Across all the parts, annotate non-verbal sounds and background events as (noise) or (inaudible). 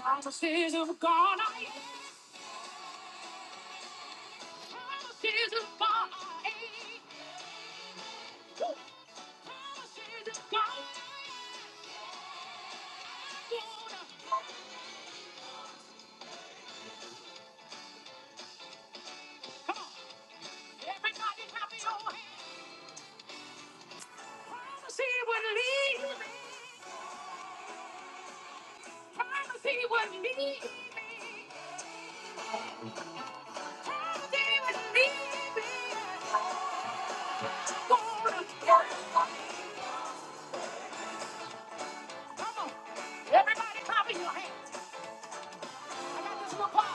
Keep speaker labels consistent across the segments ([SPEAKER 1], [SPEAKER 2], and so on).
[SPEAKER 1] Promises of God, I am. Promises of God, I am. Promises of God, I am. Come on, everybody, clap your hands. Promise he would lead me. Promise he would lead me. Promise he would lead me. I'm gonna work. Come on, everybody, clap your hands. I got this little part.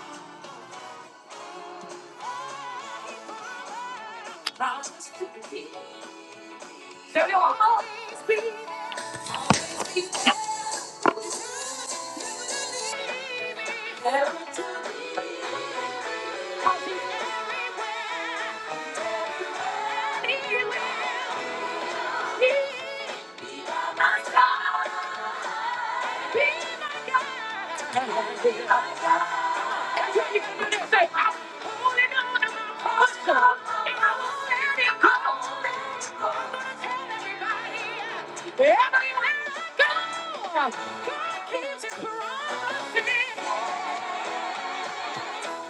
[SPEAKER 1] There will always be. 'cause he's there. He will. He will. Keeps it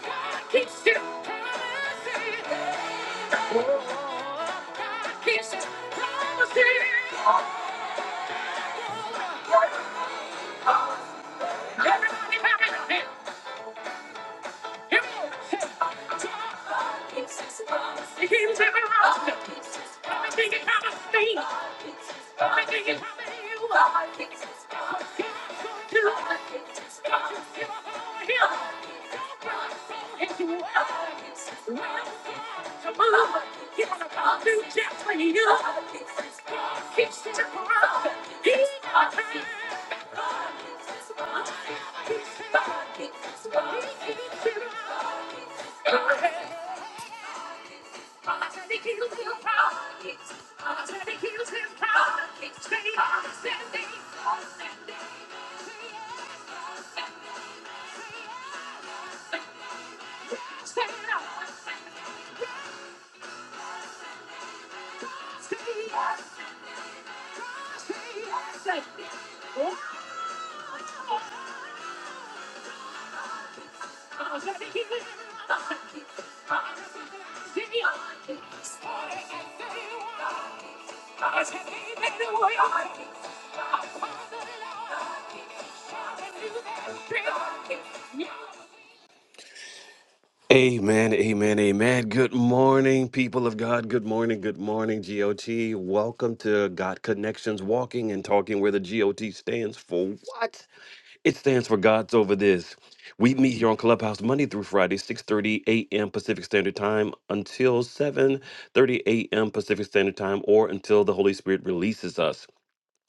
[SPEAKER 1] God keeps his promises. Everybody, everybody, here we go. Five pieces, keep tearing 'em up. Five pieces, let me keep it comin' steady. Five pieces, let me keep it comin' to you. Five pieces, got to keep it comin' to you. Five pieces, keep tearing 'em up. Five pieces, keep it comin'. Five pieces, keep it comin' to you. Five pieces, keep tearing 'em up. Five pieces, keep it comin'. Five pieces, keep it comin' to you. Yeah. Amen, amen, amen. Good morning, people of God. Good morning, good morning, GOT. Welcome to God Connections Walking and Talking, where the GOT stands for what? It stands for God's Over This. We meet here on Clubhouse Monday through Friday, 6.30 a.m. Pacific Standard Time until 7.30 a.m. Pacific Standard Time or until the Holy Spirit releases us.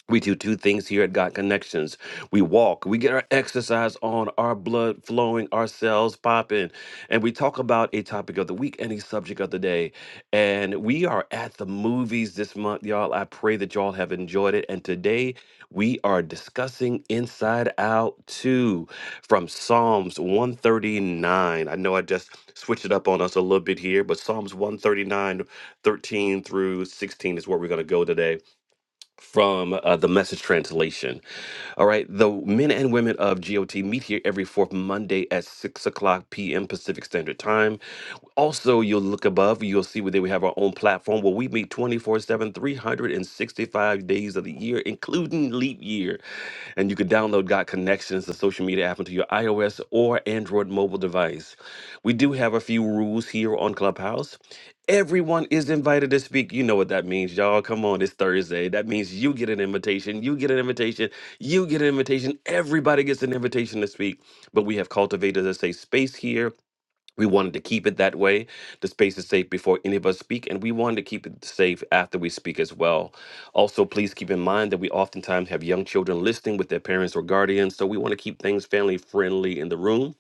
[SPEAKER 1] We do two things here at God Connections. We walk, we get our exercise on, our blood flowing, our cells popping, and we talk about a topic of the week, any subject of the day. And we are at the movies this month, y'all. I pray that y'all have enjoyed it. And today we are discussing Inside Out 2 from Psalms 139. I know I just switched it up on us a little bit here, but Psalms one thirty nine thirteen through 16 is where we're going to go today from uh, the message translation. All right. The men and women of GOT meet here every fourth Monday at 6 o'clock p.m. Pacific Standard Time. Also, you'll look above, you'll see where we have our own platform where we meet twenty-four-seven, three hundred and sixty-five days of the year, including leap year. And you can download God Connections, the social media app, into your iOS or Android mobile device. We do have a few rules here on Clubhouse. Everyone is invited to speak. You know what that means, y'all. Come on, it's Thursday. That means you get an invitation, you get an invitation, you get an invitation. Everybody gets an invitation to speak. But we have cultivated a safe space here. We wanted to keep it that way. The space is safe before any of us speak, and we wanted to keep it safe after we speak as well. Also, please keep in mind that we oftentimes have young children listening with their parents or guardians, so we want to keep things family friendly in the room.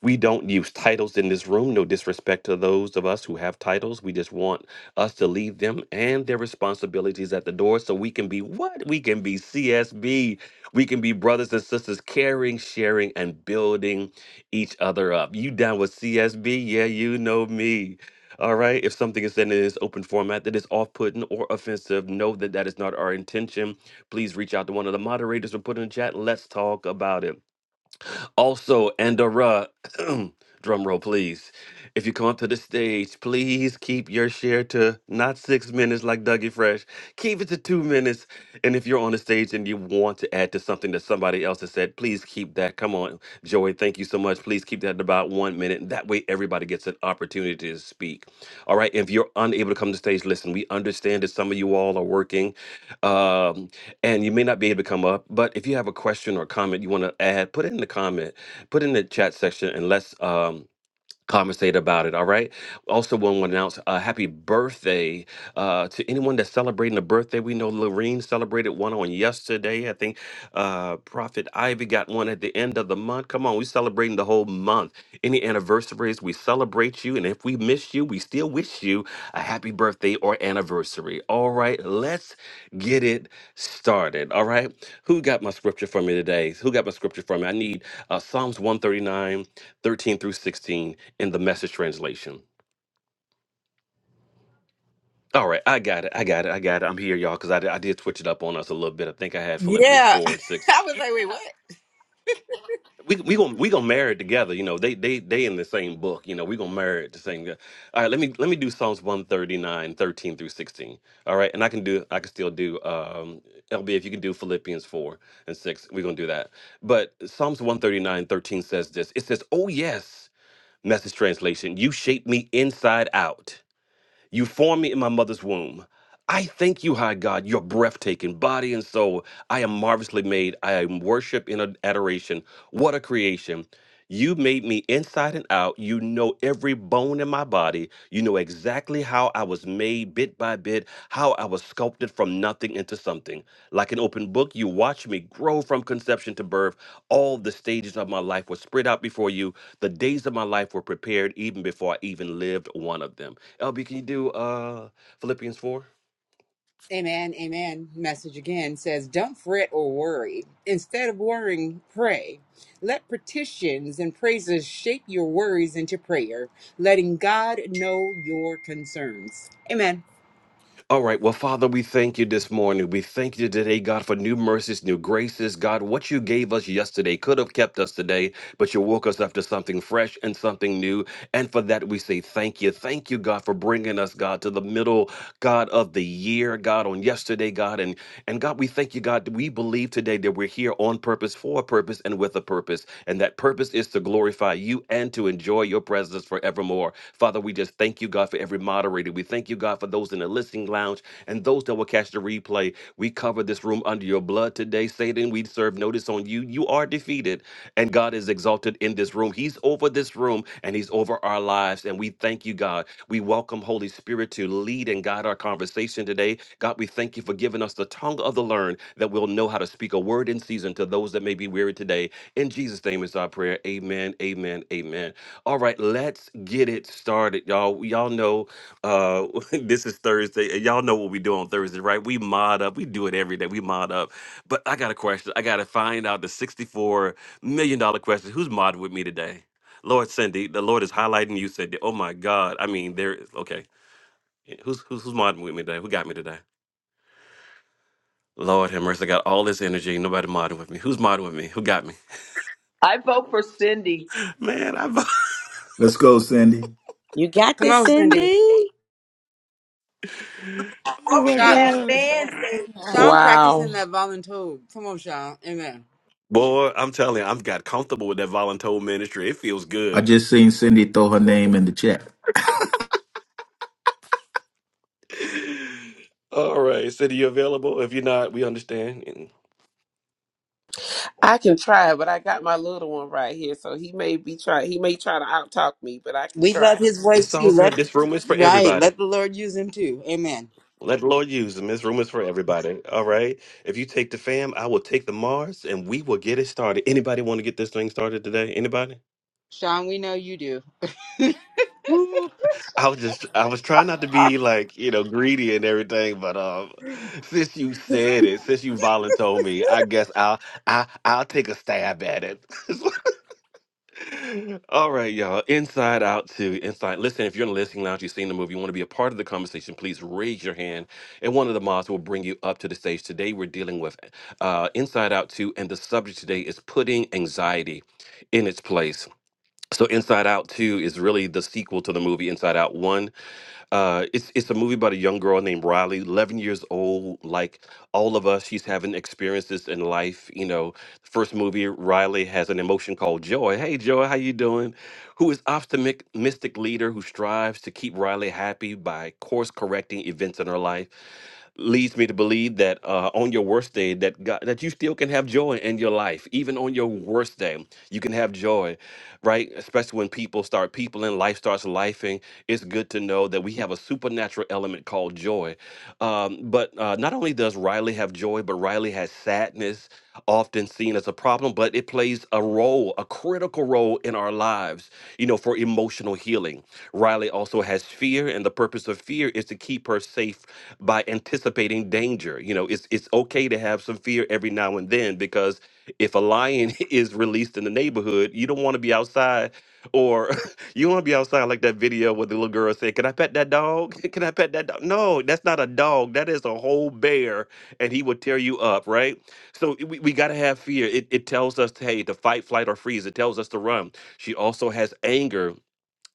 [SPEAKER 1] We don't use titles in this room. No disrespect to those of us who have titles. We just want us to leave them and their responsibilities at the door so we can be what? We can be CSB. We can be brothers and sisters caring, sharing, and building each other up. You down with CSB? Yeah, you know me. All right. If something is said in this open format that is off putting or offensive, know that that is not our intention. Please reach out to one of the moderators or put in the chat. Let's talk about it. Also, Andorra, (clears throat) drum roll, please. If you come up to the stage, please keep your share to not six minutes like Dougie Fresh. Keep it to two minutes. And if you're on the stage and you want to add to something that somebody else has said, please keep that. Come on, Joey, thank you so much. Please keep that at about one minute. That way, everybody gets an opportunity to speak. All right. If you're unable to come to stage, listen, we understand that some of you all are working. Um, and you may not be able to come up, but if you have a question or comment you want to add, put it in the comment, put it in the chat section, and let's um, conversate about it. All right. Also, want to announce a happy birthday uh, to anyone that's celebrating a birthday. We know Lorene celebrated one on yesterday. I think uh, Prophet Ivy got one at the end of the month. Come on, we're celebrating the whole month. Any anniversaries, we celebrate you. And if we miss you, we still wish you a happy birthday or anniversary. All right. Let's get it started. All right. Who got my scripture for me today? Who got my scripture for me? I need uh, Psalms 139. 13 through 16 in the message translation. All right, I got it. I got it. I got it. I'm here, y'all, because I, did- I did switch it up on us a little bit. I think I had Philippians
[SPEAKER 2] Yeah. (laughs)
[SPEAKER 1] four and six.
[SPEAKER 2] I was like, wait, what?
[SPEAKER 1] We we gonna we gonna marry it together. You know, they they they in the same book. You know, we gonna marry it the same. All right, let me let me do Psalms one thirty nine thirteen through sixteen. All right, and I can do I can still do um LB if you can do Philippians four and six. We're gonna do that. But Psalms one thirty nine thirteen says this. It says, "Oh yes, message translation, you shape me inside out." You formed me in my mother's womb. I thank you, high God, your breathtaking body and soul. I am marvelously made. I am worship in ad- adoration. What a creation. You made me inside and out. You know every bone in my body. You know exactly how I was made bit by bit, how I was sculpted from nothing into something. Like an open book, you watched me grow from conception to birth. All the stages of my life were spread out before you. The days of my life were prepared even before I even lived one of them. LB, can you do uh Philippians 4?
[SPEAKER 2] Amen, amen. Message again says, Don't fret or worry. Instead of worrying, pray. Let petitions and praises shape your worries into prayer, letting God know your concerns. Amen.
[SPEAKER 1] All right. Well, Father, we thank you this morning. We thank you today, God, for new mercies, new graces. God, what you gave us yesterday could have kept us today, but you woke us up to something fresh and something new. And for that, we say thank you. Thank you, God, for bringing us, God, to the middle, God, of the year, God, on yesterday, God. And, and God, we thank you, God, that we believe today that we're here on purpose, for a purpose, and with a purpose. And that purpose is to glorify you and to enjoy your presence forevermore. Father, we just thank you, God, for every moderator. We thank you, God, for those in the the listening lounge, and those that will catch the replay. We cover this room under your blood today. Satan, we serve notice on you. You are defeated, and God is exalted in this room. He's over this room, and He's over our lives. And we thank you, God. We welcome Holy Spirit to lead and guide our conversation today. God, we thank you for giving us the tongue of the learned that we'll know how to speak a word in season to those that may be weary today. In Jesus' name is our prayer. Amen, amen, amen. All right, let's get it started, y'all. Y'all know uh (laughs) this is thursday and y'all know what we do on thursday right we mod up we do it every day we mod up but i got a question i gotta find out the 64 million dollar question who's modding with me today lord cindy the lord is highlighting you cindy oh my god i mean there is okay yeah, who's who's, who's modding with me today who got me today lord have mercy i got all this energy nobody modding with me who's modding with me who got me
[SPEAKER 3] I vote for Cindy.
[SPEAKER 1] (laughs) man i'm
[SPEAKER 4] Let's go, Cindy.
[SPEAKER 5] You got
[SPEAKER 2] Come
[SPEAKER 5] this,
[SPEAKER 2] on, Cindy.
[SPEAKER 5] Cindy?
[SPEAKER 1] (laughs) oh my
[SPEAKER 2] Sean,
[SPEAKER 3] I
[SPEAKER 1] god
[SPEAKER 2] Sean
[SPEAKER 6] Wow.
[SPEAKER 2] practicing that voluntold. Come on, Sean. Amen.
[SPEAKER 1] boy i'm telling you i've got comfortable with that volunteer ministry it feels
[SPEAKER 4] I
[SPEAKER 1] good
[SPEAKER 4] just seen Cindy throw her name in the chat.
[SPEAKER 1] All right, City, you available? If you're not, we understand. And
[SPEAKER 6] I can try, but I got my little one right here, so he may be try. He may try to out talk me, but I can
[SPEAKER 2] We love
[SPEAKER 6] try.
[SPEAKER 2] his
[SPEAKER 1] it's
[SPEAKER 2] voice too.
[SPEAKER 1] all good.
[SPEAKER 2] Let
[SPEAKER 1] This room is for
[SPEAKER 2] right.
[SPEAKER 1] everybody.
[SPEAKER 2] Let the Lord use him too. Amen.
[SPEAKER 1] Let the Lord use them. This room is for everybody. All right. If you take the fam, I will take the Mars, and we will get it started. Anybody want to get this thing started today? Anybody?
[SPEAKER 2] Sean, we know you do.
[SPEAKER 1] Woo. I was just, I was trying not to be like, you know, greedy and everything, but um, since you said it, since you volunteered me, I guess I'll, I, I'll take a stab at it. (laughs) All right, y'all. Inside Out to Inside. Listen, if you're in the listening lounge, you've seen the movie, you want to be a part of the conversation, please raise your hand, and one of the mods will bring you up to the stage. Today, we're dealing with uh, Inside Out 2, and the subject today is putting anxiety in its place. So Inside Out 2 is really the sequel to the movie Inside Out 1. Uh, it's it's a movie about a young girl named Riley, 11 years old, like all of us. She's having experiences in life. You know, first movie, Riley has an emotion called joy. Hey, joy, how you doing? Who is optimistic mystic leader who strives to keep Riley happy by course correcting events in her life leads me to believe that uh, on your worst day that God, that you still can have joy in your life even on your worst day you can have joy right especially when people start people and life starts lifing it's good to know that we have a supernatural element called joy um, but uh, not only does riley have joy but riley has sadness often seen as a problem, but it plays a role, a critical role in our lives, you know, for emotional healing. Riley also has fear, and the purpose of fear is to keep her safe by anticipating danger. You know, it's it's okay to have some fear every now and then because if a lion (laughs) is released in the neighborhood, you don't want to be outside or (laughs) you want to be outside like that video where the little girl said, "Can I pet that dog? (laughs) Can I pet that dog?" No, that's not a dog. That is a whole bear, and he would tear you up, right? So eh, we, we got to have fear. It, it tells us, hey, to fight, flight, or freeze. It tells us to run. She also has anger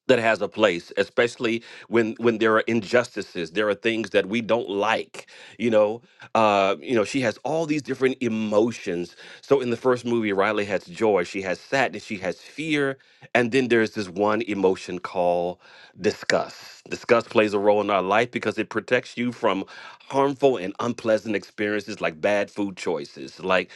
[SPEAKER 1] that has a place especially when when there are injustices there are things that we don't like you know uh you know she has all these different emotions so in the first movie riley has joy she has sadness she has fear and then there's this one emotion called disgust disgust plays a role in our life because it protects you from harmful and unpleasant experiences like bad food choices like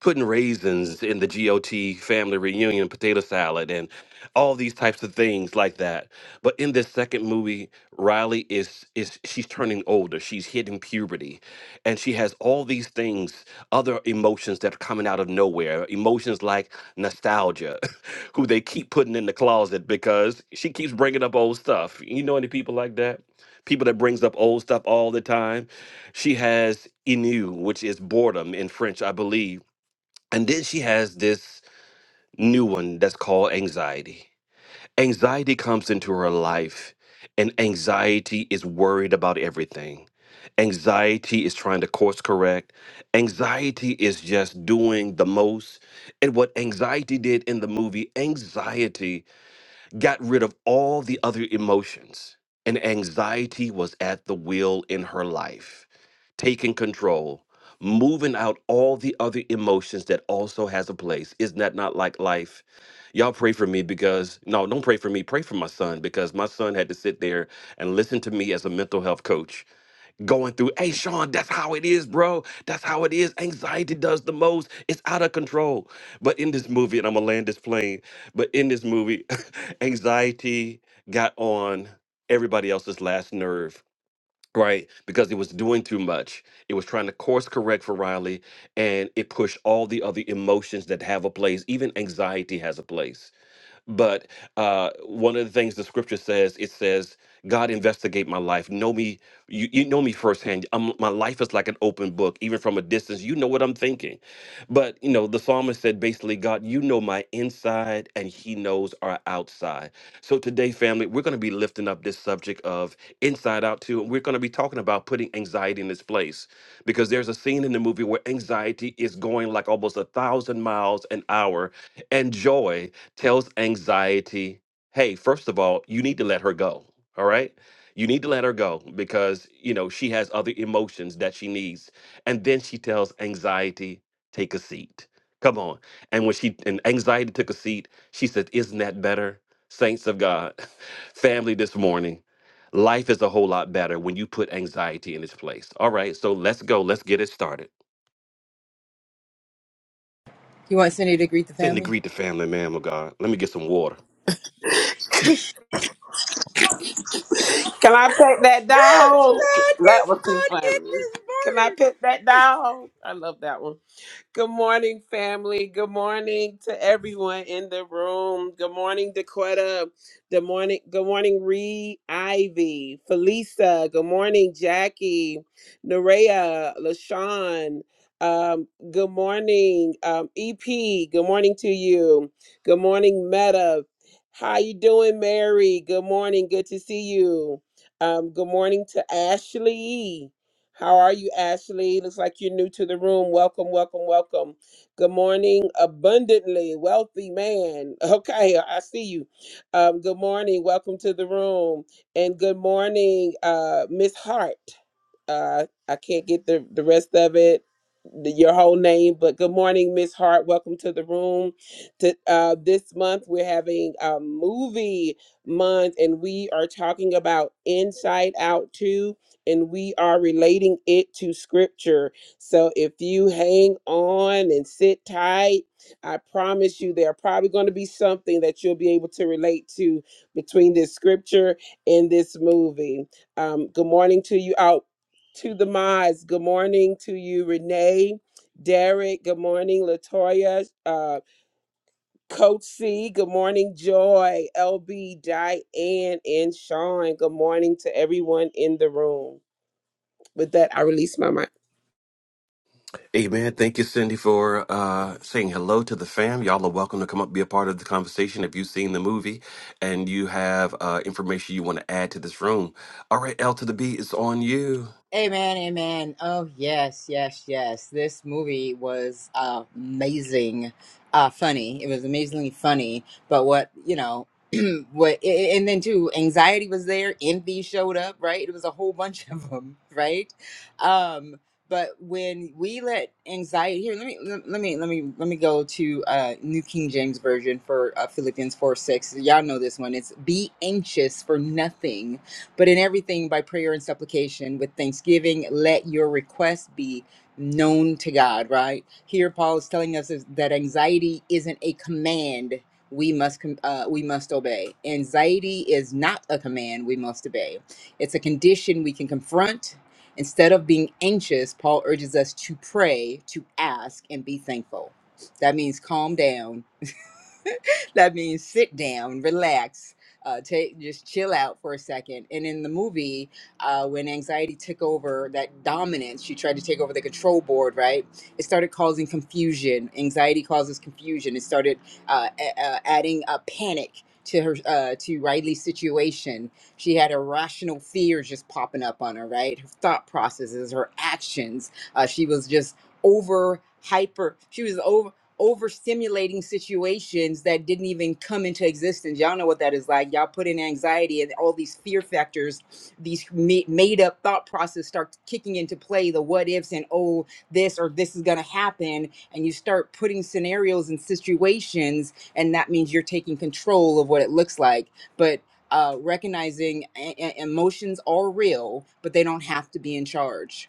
[SPEAKER 1] putting raisins in the GOT family reunion potato salad and all these types of things like that. But in this second movie, Riley is is she's turning older. She's hitting puberty and she has all these things, other emotions that are coming out of nowhere. Emotions like nostalgia, (laughs) who they keep putting in the closet because she keeps bringing up old stuff. You know any people like that? People that brings up old stuff all the time. She has ennui, which is boredom in French, I believe and then she has this new one that's called anxiety. Anxiety comes into her life, and anxiety is worried about everything. Anxiety is trying to course correct. Anxiety is just doing the most. And what anxiety did in the movie, anxiety got rid of all the other emotions, and anxiety was at the wheel in her life, taking control, moving out all the other emotions that also has a place. Isn't that not like life? Y'all pray for me because, no, don't pray for me. Pray for my son because my son had to sit there and listen to me as a mental health coach going through. Hey, Sean, that's how it is, bro. That's how it is. Anxiety does the most. It's out of control. But in this movie, and I'm gonna land this plane. But in this movie, (laughs) anxiety got on everybody else's last nerve. Right, because it was doing too much. It was trying to course correct for Riley, and it pushed all the other emotions that have a place. Even anxiety has a place. But uh, one of the things the scripture says, it says, God, investigate my life. Know me. You, you know me firsthand. Um my life is like an open book, even from a distance. You know what I'm thinking. But, you know, the psalmist said basically, God, you know my inside and he knows our outside. So today, family, we're going to be lifting up this subject of inside out too. And we're going to be talking about putting anxiety in its place because there's a scene in the movie where anxiety is going like almost a thousand miles an hour and joy tells anxiety, hey, first of all, you need to let her go. All right. You need to let her go because, you know, she has other emotions that she needs. And then she tells anxiety, take a seat. Come on. And when she, and anxiety took a seat, she said, Isn't that better? Saints of God, (laughs) family this morning, life is a whole lot better when you put anxiety in its place. All right. So let's go. Let's get it started.
[SPEAKER 2] You want Cindy to greet the
[SPEAKER 1] Send the
[SPEAKER 2] family?
[SPEAKER 1] greet the family, man, of God. Let me get some water.
[SPEAKER 6] Can I pet that
[SPEAKER 2] (laughs)
[SPEAKER 6] dog?
[SPEAKER 2] God
[SPEAKER 6] That
[SPEAKER 2] is
[SPEAKER 6] was too
[SPEAKER 2] on it
[SPEAKER 6] funny.
[SPEAKER 2] this
[SPEAKER 6] Can I
[SPEAKER 2] morning.
[SPEAKER 6] pet that dog? I love that one. Good morning, family. Good morning to everyone in the room. Good morning, Dakota. Good morning, good morning, Ree, Ivy, Felisa. Good morning, Jackie, Nerea, LaShawn. Um, good morning, um, EP. Good morning to you. Good morning, Meta. How you doing, Mary? Good morning. Good to see you. Um, good morning to Ashley. How are you, Ashley? Looks like you're new to the room. Welcome, welcome, welcome. Good morning, abundantly wealthy man. (laughs) Okay, I see you. Um, good morning. Welcome to the room. And good morning, uh, Miss Hart. Uh, I can't get the, the rest of it, the, your whole name, but good morning, Miss Hart. Welcome to the room. To, uh, this month, we're having a movie month, and we are talking about Inside Out 2 and we are relating it to scripture. So if you hang on and sit tight, I promise you there are probably going to be something that you'll be able to relate to between this scripture and this movie. Um, good morning to you out to the mods. Good morning to you, Renee. Derek, good morning, Latoya, uh, Coach C, good morning, Joy, LB, Diane, and Sean. Good morning to everyone in the room. With that, I release my mic.
[SPEAKER 1] Amen. Thank you, Cindy, for uh, saying hello to the fam. Y'all are welcome to come up, be a part of the conversation. If you've seen the movie and you have uh, information you want to add to this room, all right, L to the B is on you.
[SPEAKER 2] Amen, amen. Oh, yes, yes, yes. This movie was amazing, uh, funny. It was amazingly funny. But what, you know, (clears throat) what, a- a- and then too, anxiety was there, envy showed up, right? It was a whole (laughs) bunch of them, right? Um, but when we let anxiety here, let me let let me let me let me go to uh, New King James Version for uh, Philippians four six. Y'all know this one. It's be anxious for nothing, but in everything, by prayer and supplication, with thanksgiving, let your requests be known to God, right? Here, Paul is telling us is that anxiety isn't a command we must com- uh, we must obey. Anxiety is not a command we must obey. It's a condition we can confront. Instead of being anxious, Paul urges us to pray, to ask, and be thankful. That means calm down (laughs) that means sit down, relax, uh, take just chill out for a second. And in the movie, uh, when anxiety took over that dominance, she tried to take over the control board. Right, it started causing confusion. Anxiety causes confusion. It started uh, a- uh, adding a panic. To her, uh, to Riley's situation, she had irrational fears just popping up on her. Right, her thought processes, her actions. Uh, she was just over hyper. She was over overstimulating situations that didn't even come into existence. Y'all know what that is like. Y'all put in anxiety and all these fear factors, these ma- made up thought process start kicking into play the what ifs and oh, this or this is going to happen. And you start putting scenarios and situations, and that means you're taking control of what it looks like. But uh, recognizing e- e- emotions are real, but they don't have to be in charge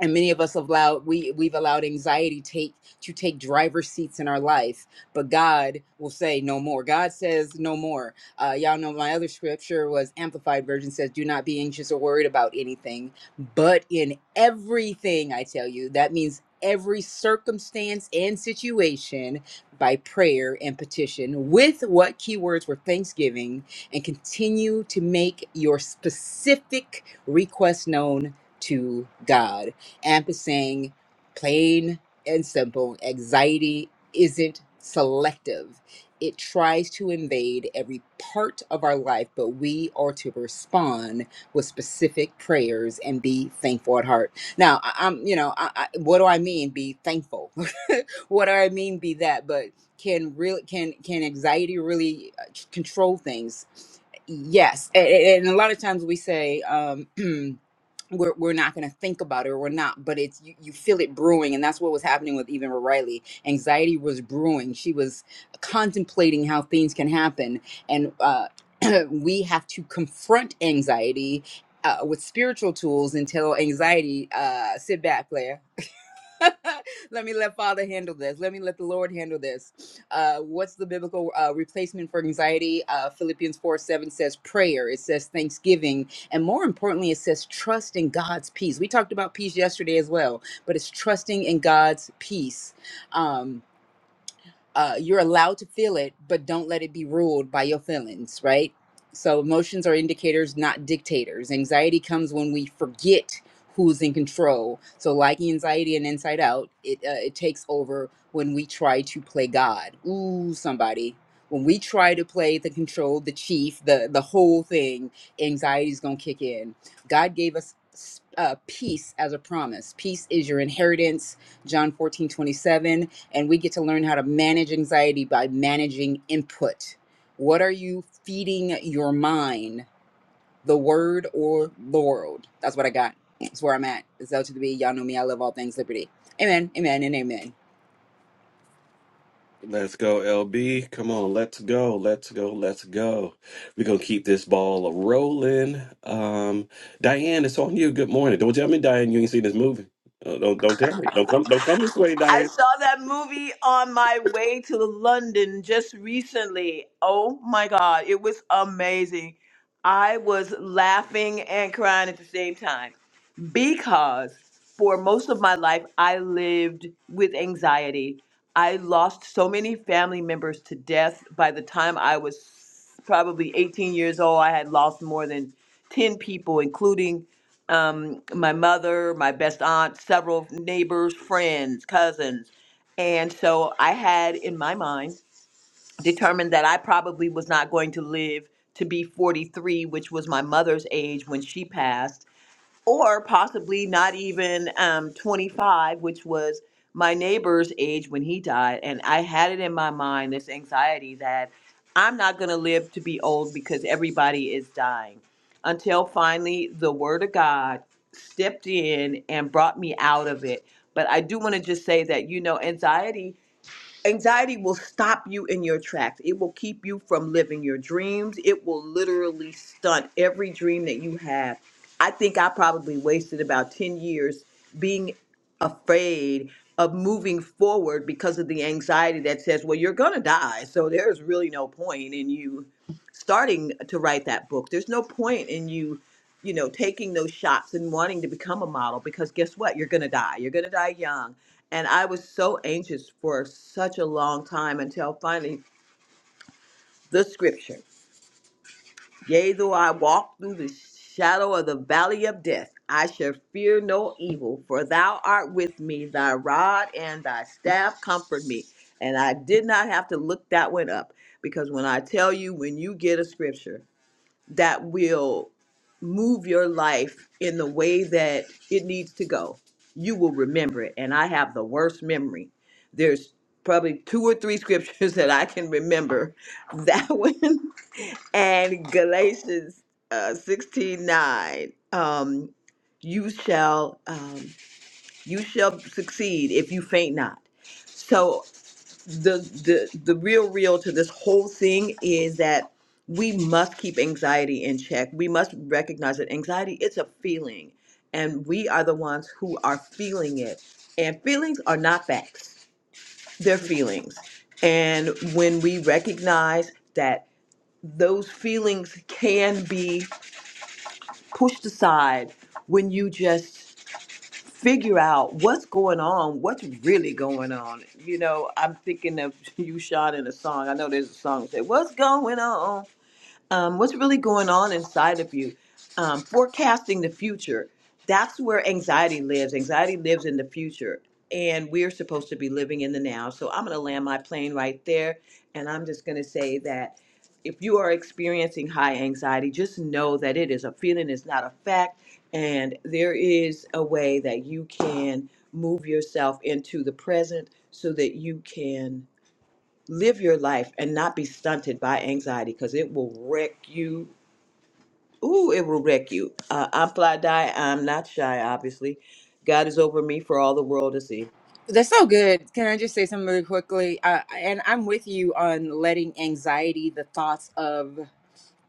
[SPEAKER 2] and many of us have allowed we we've allowed anxiety take to take driver seats in our life but god will say no more god says no more uh, y'all know my other scripture was amplified version says do not be anxious or worried about anything but in everything i tell you that means every circumstance and situation by prayer and petition with what keywords were thanksgiving and continue to make your specific request known to God. Ampersand, plain and simple, anxiety isn't selective. It tries to invade every part of our life, but we are to respond with specific prayers and be thankful at heart. Now, I, I'm, you know, I, I, what do I mean? Be thankful. (laughs) what do I mean? Be that. But can real can can anxiety really uh, c- control things? Yes, and, and a lot of times we say. Um, (clears throat) we're, we're not going to think about it or we're not but it's you, you feel it brewing and that's what was happening with even riley anxiety was brewing she was contemplating how things can happen and uh, (clears throat) we have to confront anxiety uh, with spiritual tools until anxiety uh, sit back claire (laughs) let me let Father handle this. Let me let the Lord handle this. Uh, what's the biblical uh, replacement for anxiety? Uh, Philippians 4 7 says prayer, it says thanksgiving, and more importantly, it says trust in God's peace. We talked about peace yesterday as well, but it's trusting in God's peace. Um, uh, you're allowed to feel it, but don't let it be ruled by your feelings, right? So emotions are indicators, not dictators. Anxiety comes when we forget who's in control. So like anxiety and Inside Out, it uh, it takes over when we try to play God. Ooh, somebody. When we try to play the control, the chief, the the whole thing, anxiety's gonna kick in. God gave us s- uh, peace as a promise. Peace is your inheritance. John 14 27 and we get to learn how to manage anxiety by managing input. What are you feeding your mind, the word or the world? That's what I got. That's where I'm at. It's L to the B. Y'all know me. I love all things liberty. Amen. Amen. And amen.
[SPEAKER 1] Let's go, LB. Come on, let's go, let's go, let's go. We're gonna keep this ball rolling. Um, Diane, it's on you. Good morning. Don't tell me, Diane, you ain't seen this movie. Uh, don't don't tell me. Don't come don't come this way, Diane.
[SPEAKER 3] saw that movie on my way to London just recently. Oh my God, it was amazing. I was laughing and crying at the same time because for most of my life, I lived with anxiety. I lost so many family members to death. By the time I was probably 18 years old, I had lost more than 10 people, including um, my mother, my best aunt, several neighbors, friends, cousins. And so I had in my mind determined that I probably was not going to live to be 43, which was my mother's age when she passed or possibly not even um, 25, which was my neighbor's age when he died. And I had it in my mind this anxiety that I'm not going to live to be old because everybody is dying. Until finally, the Word of God stepped in and brought me out of it. But I do want to just say that, you know, anxiety Anxiety will stop you in your tracks. It will keep you from living your dreams. It will literally stunt every dream that you have. I think I probably wasted about 10 years being afraid of moving forward because of the anxiety that says, well, you're going to die. So there's really no point in you starting to write that book. There's no point in you, you know, taking those shots and wanting to become a model because guess what? You're going to die. You're going to die young and I was so anxious for such a long time until finally the scripture. Yea, though I walk through the shadow of the valley of death, I shall fear no evil, for thou art with me, thy rod and thy staff comfort me. And I did not have to look that one up because when I tell you, when you get a scripture, that will move your life in the way that it needs to go. You will remember it. And I have the worst memory. There's probably two or three scriptures (laughs) that I can remember. That one (laughs) and Galatians uh, 16 nine. Um, you shall um, you shall succeed if you faint not. So the the the real real to this whole thing is that we must keep anxiety in check. We must recognize that anxiety it's a feeling and we are the ones who are feeling it. And feelings are not facts. They're feelings. And when we recognize that those feelings can be pushed aside when you just figure out what's going on, what's really going on. You know, I'm thinking of (laughs) you, Sean, in a song. I know there's a song that says, What's going on? um, what's really going on inside of you, um, forecasting the future. That's where anxiety lives. Anxiety lives in the future, and we're supposed to be living in the now. So I'm going to land my plane right there, and I'm just going to say that if you are experiencing high anxiety, just know that it is a feeling, it's not a fact, and there is a way that you can move yourself into the present so that you can live your life and not be stunted by anxiety because it will wreck you. Ooh, it will wreck you. Uh, I'm fly die. I'm not shy, obviously. God is over me for all the world to see.
[SPEAKER 2] That's so good. Can I just say something really quickly? Uh, and I'm with you on letting anxiety, the thoughts of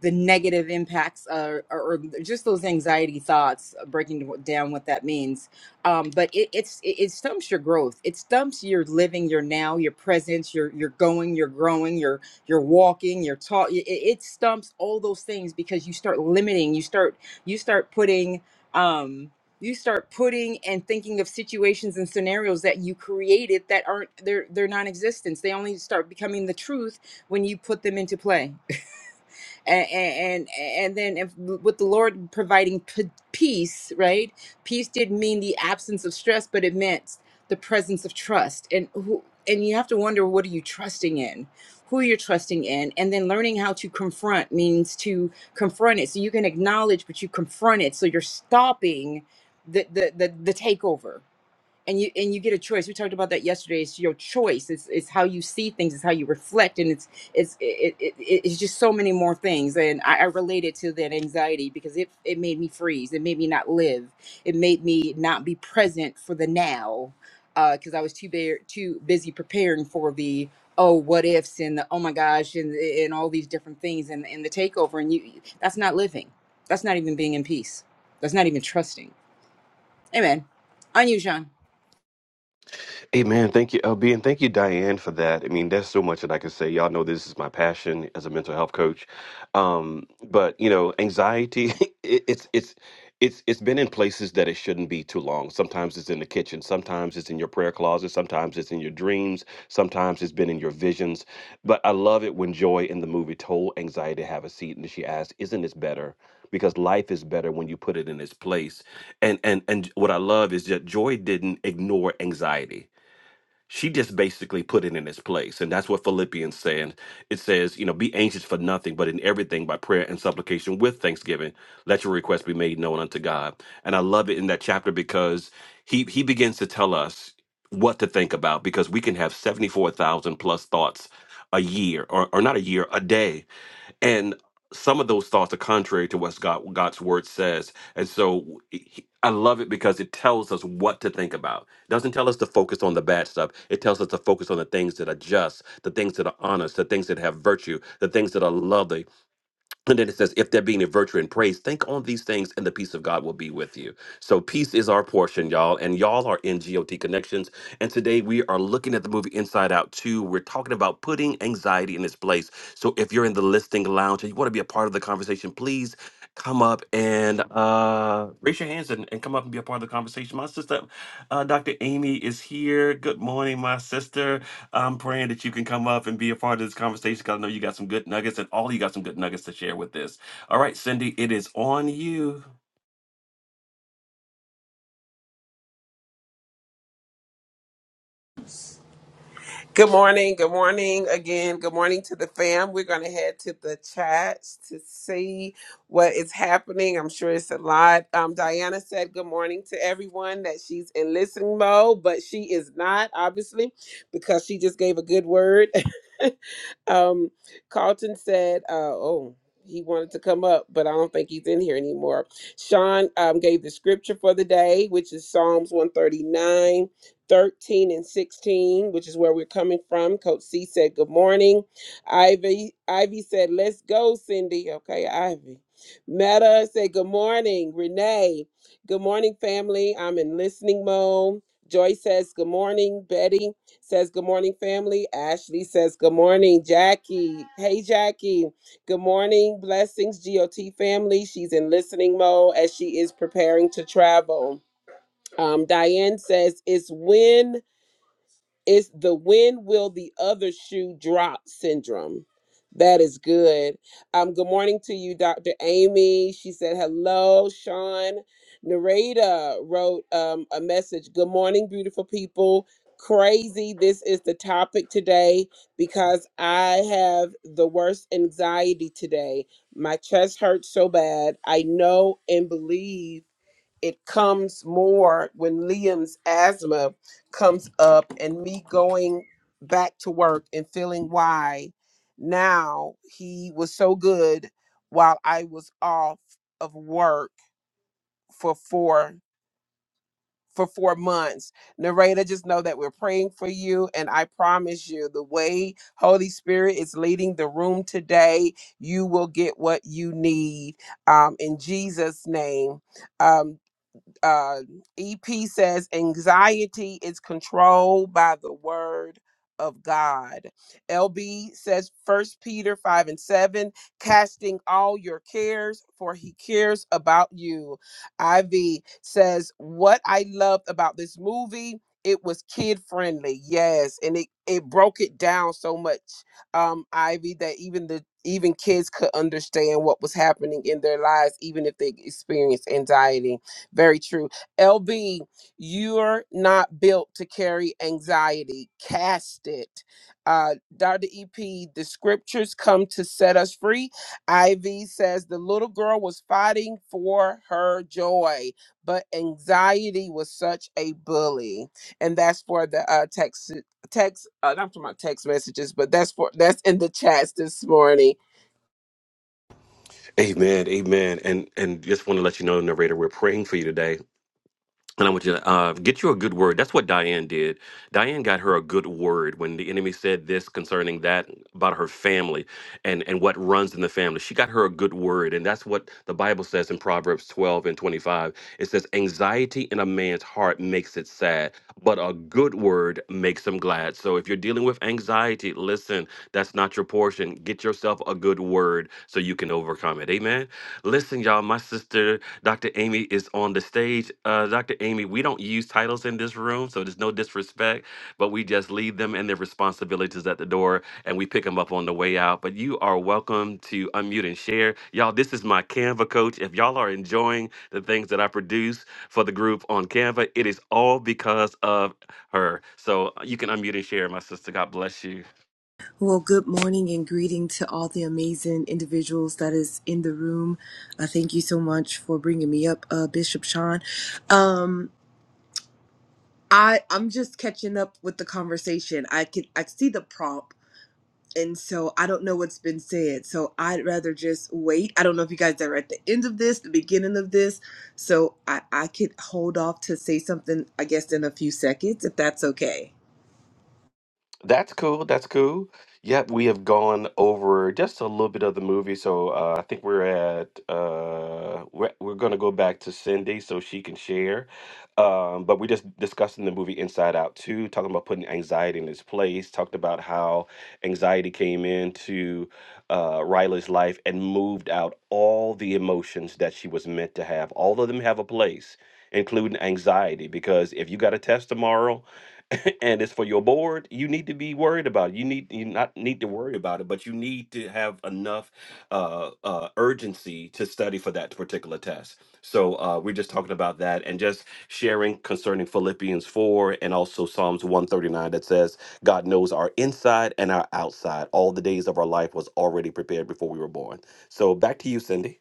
[SPEAKER 2] the negative impacts uh, or, or just those anxiety thoughts uh, breaking down what that means um, but it, it's it, it stumps your growth it stumps your living your now your presence your you're going you're growing you're you're walking you're taught it, it stumps all those things because you start limiting you start you start putting um, you start putting and thinking of situations and scenarios that you created that aren't they're they're non-existent they only start becoming the truth when you put them into play and and and then if with the lord providing p- peace right peace didn't mean the absence of stress but it meant the presence of trust and who and you have to wonder what are you trusting in who you're trusting in and then learning how to confront means to confront it so you can acknowledge but you confront it so you're stopping the the the, the takeover and you and you get a choice we talked about that yesterday it's your choice it's it's how you see things it's how you reflect and it's it's it, it, it- it's just so many more things and I, I related to that anxiety because it it made me freeze it made me not live it made me not be present for the now because i was too bare too busy preparing for the oh what ifs and the oh my gosh and and all these different things and, and the takeover and you that's not living that's not even being in peace that's not even trusting amen on you sean
[SPEAKER 1] Amen. Thank you, LB, and thank you, Diane, for that. I mean, there's so much that I can say. Y'all know this is my passion as a mental health coach. Um, but you know, anxiety, (laughs) it, it's it's it's it's been in places that it shouldn't be too long. Sometimes it's in the kitchen, sometimes it's in your prayer closet, sometimes it's in your dreams, sometimes it's been in your visions. But I love it when Joy in the movie told anxiety to have a seat, and she asked, "Isn't this better?" Because life is better when you put it in its place. And and and what I love is that Joy didn't ignore anxiety she just basically put it in its place. And that's what Philippians says. It says, you know, be anxious for nothing, but in everything by prayer and supplication with thanksgiving, let your requests be made known unto God. And I love it in that chapter because he he begins to tell us what to think about because we can have 74,000 plus thoughts a year or, or not a year, a day and some of those thoughts are contrary to what God, God's word says. And so he- I love it because it tells us what to think about. It doesn't tell us to focus on the bad stuff. It tells us to focus on the things that are just, the things that are honest, the things that have virtue, the things that are lovely. And then it says, if there be any virtue and praise, think on these things and the peace of God will be with you. So peace is our portion, y'all. And y'all are in GOT Connections. And today we are looking at the movie Inside Out 2. We're talking about putting anxiety in its place. So if you're in the listing lounge and you want to be a part of the conversation, please come up and uh, raise your hands and, and come up and be a part of the conversation. My sister, uh, Dr. Amy is here. Good morning, my sister. I'm praying that you can come up and be a part of this conversation because I know you got some good nuggets and all you got some good nuggets to share with this. All right, Cindy, it is on you.
[SPEAKER 6] Good morning. Good morning again. Good morning to the fam. We're going to head to the chats to see what is happening. I'm sure it's a lot. Um, Diana said good morning to everyone that she's in listening mode, but she is not, obviously, because she just gave a good word. (laughs) um, Carlton said, uh, oh, he wanted to come up, but I don't think he's in here anymore. Sean um, gave the scripture for the day, which is Psalms one thirty nine, thirteen and 16, which is where we're coming from. Coach C said, good morning. Ivy, Ivy said, let's go, Cindy. Okay, Ivy. Meta said, good morning. Renee, good morning, family. I'm in listening mode. Joy says, good morning, Betty says good morning family ashley says good morning jackie hey jackie good morning blessings got family she's in listening mode as she is preparing to travel um, diane says it's when it's the when will the other shoe drop syndrome. That is good. Um, good morning to you, Dr. Amy. She said, hello, Sean. Nareda wrote um, a message. Good morning, beautiful people. Crazy. This is the topic today because I have the worst anxiety today. My chest hurts so bad. I know and believe it comes more when Liam's asthma comes up and me going back to work and feeling why now he was so good while I was off of work for four for four months. Narrator, just know that we're praying for you and I promise you the way Holy Spirit is leading the room today, you will get what you need um, in Jesus' name Um, uh, EP says anxiety is controlled by the word of God. LB says First Peter 5 and 7, casting all your cares, for he cares about you. Ivy says, What I loved about this movie. It was kid friendly, yes, and it, it broke it down so much, um, Ivy, that even the even kids could understand what was happening in their lives, even if they experienced anxiety very true. LB, you're not built to carry anxiety. Cast it. Uh, Dr. EP, the scriptures come to set us free. Ivy says the little girl was fighting for her joy, but anxiety was such a bully. And that's for the uh, text. Text, uh, not for my text messages, but that's for that's in the chats this morning.
[SPEAKER 1] Amen, amen, and and just want to let you know, narrator, we're praying for you today, and I want you to uh, get you a good word. That's what Diane did. Diane got her a good word when the enemy said this concerning that about her family and and what runs in the family. She got her a good word, and that's what the Bible says in Proverbs twelve and twenty five. It says, "Anxiety in a man's heart makes it sad, but a good word makes him glad." So if you're dealing with anxiety, listen, that's not your portion. Get yourself a good word word so you can overcome it. Amen. Listen, y'all, my sister, Dr. Amy, is on the stage. Uh, Dr. Amy, we don't use titles in this room, so there's no disrespect, but we just leave them and their responsibilities at the door and we pick them up on the way out. But you are welcome to unmute and share. Y'all, this is my Canva coach. If y'all are enjoying the things that I produce for the group on Canva, it is all because of her. So uh, you can unmute and share, my sister. God bless you.
[SPEAKER 7] Well, good morning and greeting to all the amazing individuals that is in the room. Uh, thank you so much for bringing me up, uh, Bishop Sean. Um, I I'm just catching up with the conversation. I can I see the prompt, and so I don't know what's been said. So I'd rather just wait. I don't know if you guys are at the end of this, the beginning of this. So I I could hold off to say something. I guess in a few seconds, if that's okay.
[SPEAKER 1] That's cool. That's cool. Yep, we have gone over just a little bit of the movie, so uh, I think we're at uh, we're we're gonna go back to Cindy so she can share. Um, but we just discussing the movie Inside Out Two, talking about putting anxiety in its place. Talked about how anxiety came into uh, Riley's life and moved out all the emotions that she was meant to have. All of them have a place, including anxiety, because if you got a test tomorrow. (laughs) and it's for your board, you need to be worried about it. You need you not need to worry about it, but you need to have enough uh, uh, urgency to study for that particular test. So uh, we're just talking about that and just sharing concerning Philippians four and also Psalms one thirty nine that says God knows our inside and our outside. All the days of our life was already prepared before we were born. So back to you, Cindy.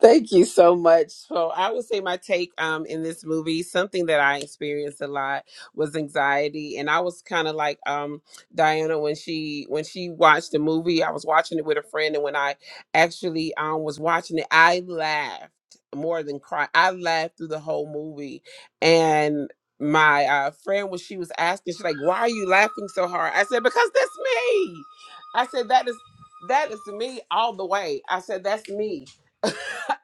[SPEAKER 6] Thank you so much. So I would say my take um in this movie, something that I experienced a lot was anxiety. And I was kind of like um Diana when she when she watched the movie, I was watching it with a friend, and when I actually um was watching it, I laughed more than cried. I laughed through the whole movie. And my uh, friend when she was asking, she's like, Why are you laughing so hard? I said, Because that's me. I said, That is that is me all the way. I said, That's me (laughs)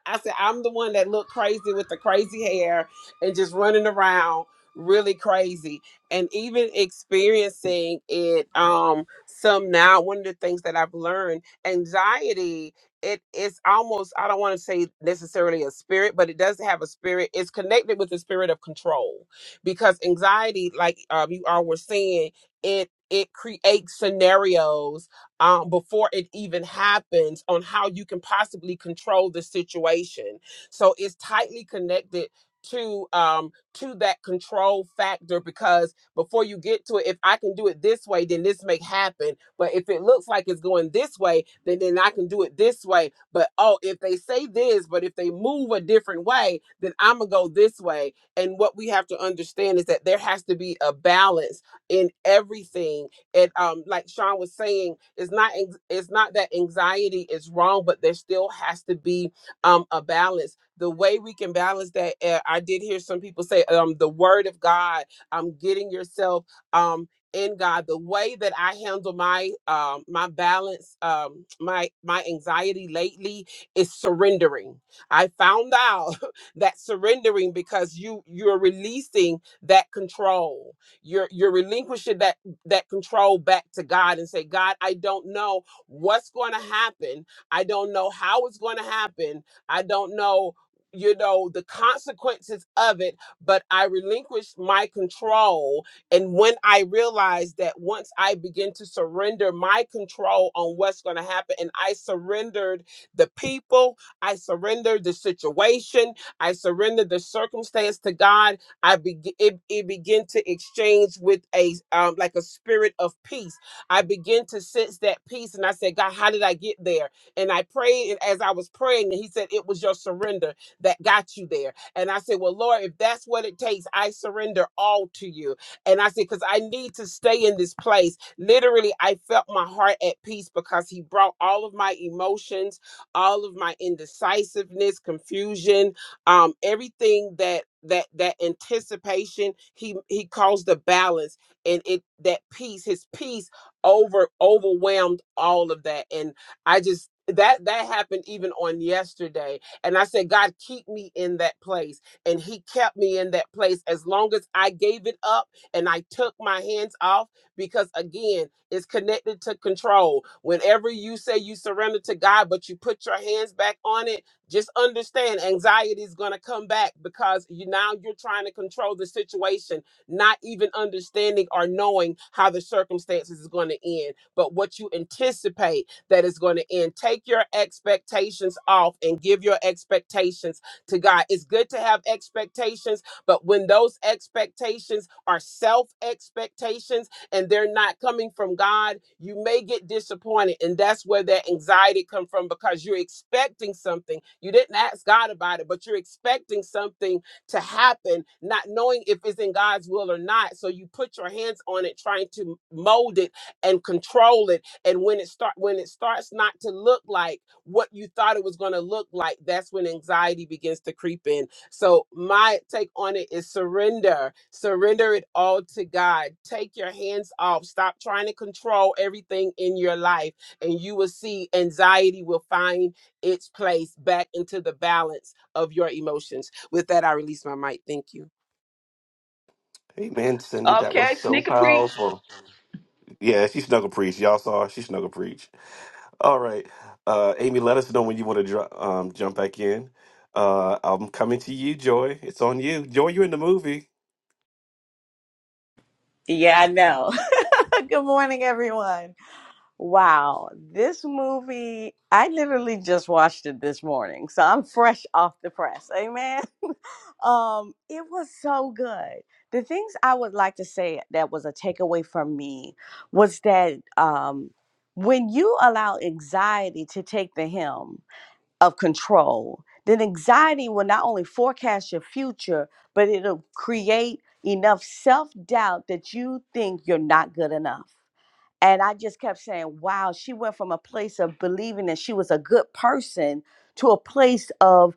[SPEAKER 6] I said, I'm the one that looked crazy with the crazy hair and just running around really crazy and even experiencing it um some now one of the things that i've learned anxiety it is almost i don't want to say necessarily a spirit but it does have a spirit it's connected with the spirit of control because anxiety like um, you all were saying it it creates scenarios um, before it even happens on how you can possibly control the situation. So it's tightly connected to um to that control factor because before you get to it if i can do it this way then this may happen but if it looks like it's going this way then then i can do it this way but oh if they say this but if they move a different way then i'm gonna go this way and what we have to understand is that there has to be a balance in everything it um like Sean was saying it's not anx- it's not that anxiety is wrong but there still has to be um a balance the way we can balance that uh, I did hear some people say um the word of God um getting yourself um in God the way that I handle my um my balance um my my anxiety lately is surrendering I found out (laughs) that surrendering because you you're releasing that control you're you're relinquishing that that control back to God and say, God, I don't know what's going to happen. I don't know how it's going to happen. I don't know, you know, the consequences of it, but I relinquished my control. And when I realized that once I begin to surrender my control on what's going to happen, and I surrendered the people, I surrendered the situation, I surrendered the circumstance to God I begin it, it begin to exchange with a um like a spirit of peace. I begin to sense that peace, and I said, God, how did I get there? And I prayed, and as I was praying, and He said, it was your surrender that got you there. And I said, well, Lord, if that's what it takes, I surrender all to you. And I said, because I need to stay in this place. Literally, I felt my heart at peace because He brought all of my emotions, all of my indecisiveness, confusion um everything that that that anticipation he he calls the balance and it that peace his peace over overwhelmed all of that and i just that that happened even on yesterday and i said god keep me in that place and he kept me in that place as long as i gave it up and i took my hands off because again it's connected to control whenever you say you surrender to god but you put your hands back on it just understand anxiety is going to come back because you now you're trying to control the situation not even understanding or knowing how the circumstances is going to end but what you anticipate that is going to end take your expectations off and give your expectations to god it's good to have expectations but when those expectations are self expectations and they're not coming from God, you may get disappointed. And that's where that anxiety comes from because you're expecting something. You didn't ask God about it, but you're expecting something to happen, not knowing if it's in God's will or not. So you put your hands on it, trying to mold it and control it. And when it start when it starts not to look like what you thought it was going to look like, that's when anxiety begins to creep in so my take on it is surrender. Surrender it all to God. Take your hands off. Stop trying to control everything in your life and you will see anxiety will find its place back into the balance of your emotions. With that I release my mic. Thank you.
[SPEAKER 1] Amen, Cindy. That was
[SPEAKER 3] Okay,
[SPEAKER 1] so
[SPEAKER 3] sneaker preach.
[SPEAKER 1] powerful. Yeah, she snuggle preach. Y'all saw her. she snuggle preach. All right, uh, Amy, let us know when you want to dr- um, jump back in. Uh, I'm coming to you, Joy. It's on you, Joy. You're in the movie.
[SPEAKER 5] Yeah, I know. (laughs) Good morning, everyone. Wow, this movie, I literally just watched it this morning, so I'm fresh off the press. Amen. (laughs) um, it was so good. The things I would like to say that was a takeaway from me was that um, when you allow anxiety to take the helm. of control, then anxiety will not only forecast your future, but it'll create enough self doubt that you think you're not good enough. And I just kept saying, wow, she went from a place of believing that she was a good person to a place of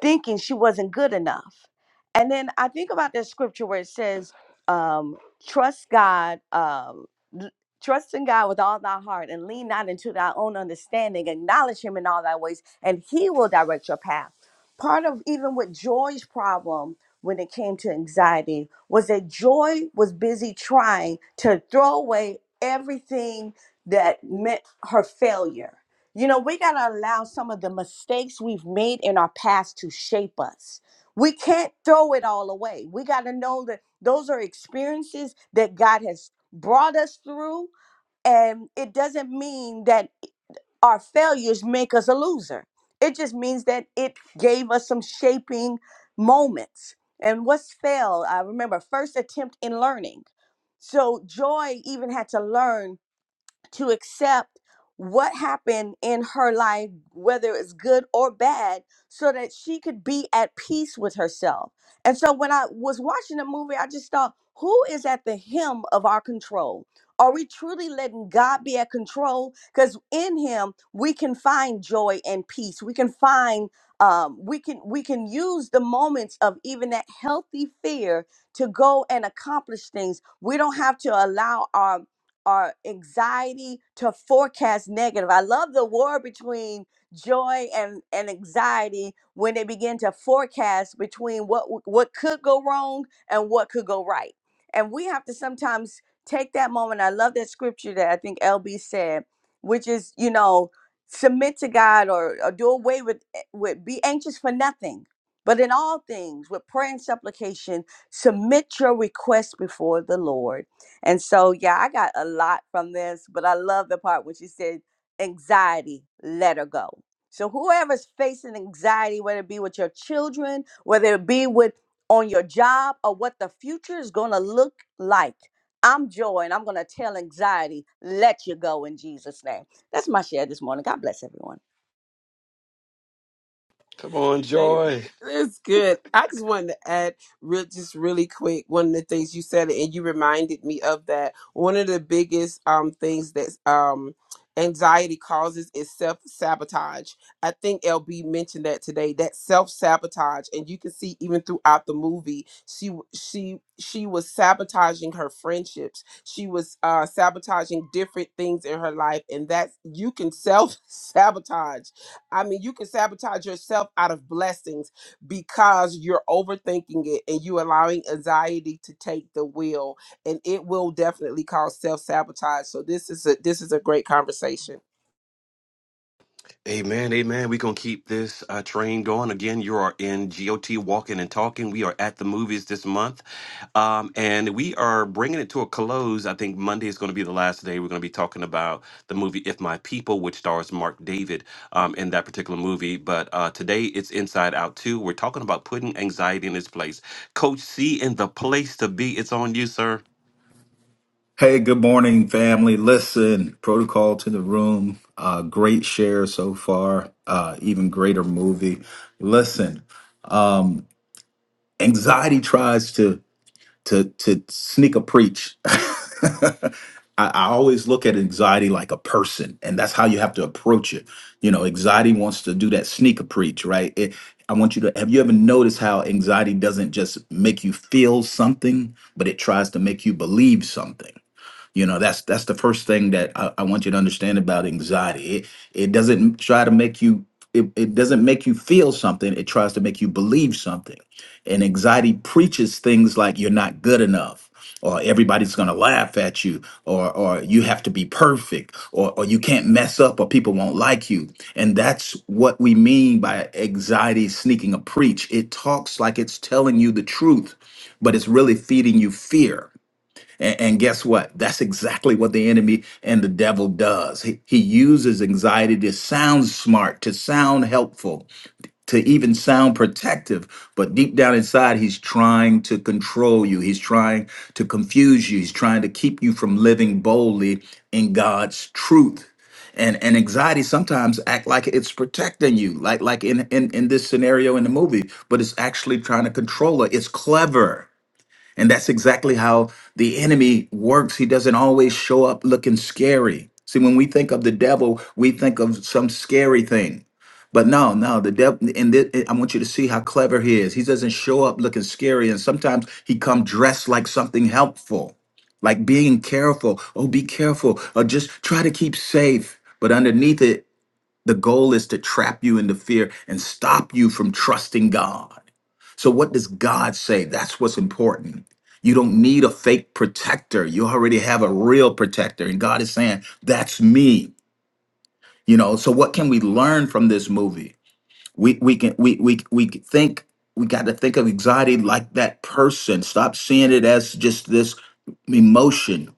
[SPEAKER 5] thinking she wasn't good enough. And then I think about that scripture where it says, um, trust God, um, l- trust in God with all thy heart and lean not into thy own understanding, acknowledge him in all thy ways, and he will direct your path. Part of even with Joy's problem when it came to anxiety was that Joy was busy trying to throw away everything that meant her failure you know, we got to allow some of the mistakes we've made in our past to shape us. We can't throw it all away. We got to know that those are experiences that God has brought us through. And it doesn't mean that our failures make us a loser, it just means that it gave us some shaping moments. And what's fail? I remember first attempt in learning. So Joy even had to learn to accept what happened in her life, whether it's good or bad, so that she could be at peace with herself. And so when I was watching the movie, I just thought, who is at the helm of our control? Are we truly letting God be at control? Because in Him we can find joy and peace. We can find, um, we can we can use the moments of even that healthy fear to go and accomplish things. We don't have to allow our our anxiety to forecast negative. I love the war between joy and, and anxiety when they begin to forecast between what what could go wrong and what could go right. And we have to sometimes take that moment. I love that scripture that I think LB said, which is, you know, submit to God or, or do away with eh, with be anxious for nothing. But in all things, with prayer and supplication, submit your request before the Lord and so, yeah, I got a lot from this, but I love the part when she said, anxiety, let her go. So, whoever's facing anxiety, whether it be with your children, whether it be with on your job, or what the future is going to look like, I'm joy and I'm going to tell anxiety, let you go in Jesus' name. That's my share this morning. God bless everyone.
[SPEAKER 1] Come on,
[SPEAKER 6] Hey,
[SPEAKER 1] Joy.
[SPEAKER 6] that's good. I just wanted to add, real, just really quick, one of the things you said, and you reminded me of that. One of the biggest um things that um anxiety causes is self sabotage. I think LB mentioned that today. That self sabotage, and you can see even throughout the movie, she she she was sabotaging her friendships. She was uh sabotaging different things in her life, and that's you can (laughs) self sabotage I mean, you can sabotage yourself out of blessings because you're overthinking it and you allowing anxiety to take the wheel, and it will definitely cause self sabotage. So this is a this is a great conversation.
[SPEAKER 1] Amen, amen. We're going to keep this uh, train going. Again, you are in GOT Walking and Talking. We are at the movies this month. Um, and we are bringing it to a close. I think Monday is going to be the last day. We're going to be talking about the movie If My People, which stars Mark David um, in that particular movie. But uh, today it's Inside Out 2. We're talking about putting anxiety in its place. Coach C in the place to be. It's on you, sir.
[SPEAKER 4] Hey, good morning, family. Listen, protocol to the room. Uh, great share so far. Uh, even greater movie. Listen, anxiety tries to to to sneak a preach. (laughs) I, I always look at anxiety like a person, and that's how you have to approach it. You know, anxiety wants to do that sneak a preach, right? It, I want you to have you ever noticed how anxiety doesn't just make you feel something, but it tries to make you believe something you know, that's that's the first thing that I, I want you to understand about anxiety. It it doesn't try to make you it, it doesn't make you feel something, it tries to make you believe something. And anxiety preaches things like you're not good enough. Or everybody's gonna laugh at you, or or you have to be perfect, or or you can't mess up, or people won't like you. And that's what we mean by anxiety sneaking a preach. It talks like it's telling you the truth, but it's really feeding you fear and, and guess what? That's exactly what the enemy and the devil does. He, he uses anxiety to sound smart, to sound helpful, to even sound protective. But deep down inside, he's trying to control you. He's trying to confuse you. He's trying to keep you from living boldly in God's truth. And, and anxiety sometimes act like it's protecting you, like like in, in in this scenario in the movie, but it's actually trying to control it. It's clever and that's exactly how the enemy works. He doesn't always show up looking scary. See, when we think of the devil, we think of some scary thing. But no, no, the devil, and thi- eh, I want you to see how clever he is. He doesn't show up looking scary, and sometimes he come dressed like something helpful, like being careful. Oh, be careful, or just try to keep safe. But underneath it the goal is to trap you into fear and stop you from trusting God. So, what does God say? That's what's important. You don't need a fake protector. You already have a real protector. And God is saying, That's me. You know, so what can we learn from this movie? We we can we we we can think we got to think of anxiety like that person. Stop seeing it as just this emotion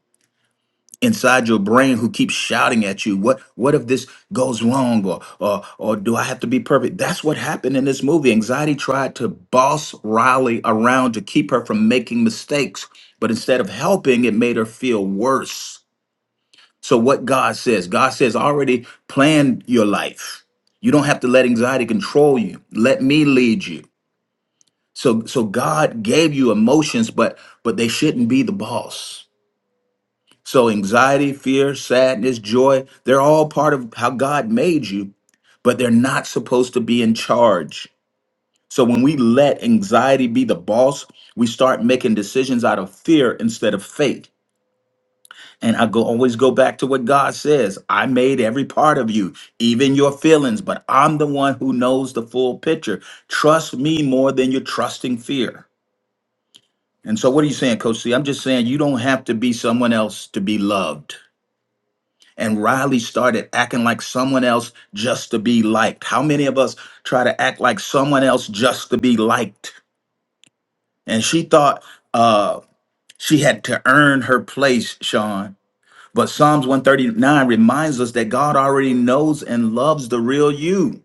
[SPEAKER 4] inside your brain who keeps shouting at you what what if this goes wrong or or or do i have to be perfect that's what happened in this movie anxiety tried to boss riley around to keep her from making mistakes but instead of helping it made her feel worse so what god says god says "I already plan your life you don't have to let anxiety control you let me lead you so so god gave you emotions but but they shouldn't be the boss so anxiety, fear, sadness, joy, they're all part of how God made you, but they're not supposed to be in charge. So when we let anxiety be the boss, we start making decisions out of fear instead of faith. And I go always go back to what God says. I made every part of you, even your feelings, but I'm the one who knows the full picture. Trust me more than you're trusting fear. And so what are you saying, Coach C? I'm just saying you don't have to be someone else to be loved. And Riley started acting like someone else just to be liked. How many of us try to act like someone else just to be liked? And she thought uh, she had to earn her place, Sean. But Psalms 139 reminds us that God already knows and loves the real you.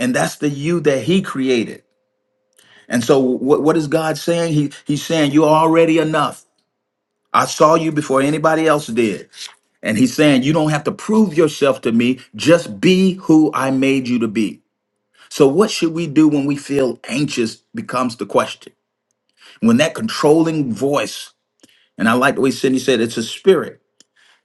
[SPEAKER 4] And that's the you that he created. And so what, what is God saying? He, he's saying, you're already enough. I saw you before anybody else did. And he's saying, You don't have to prove yourself to me. Just be who I made you to be. So, what should we do when we feel anxious becomes the question? When that controlling voice, and I like the way Cindy said it's a spirit.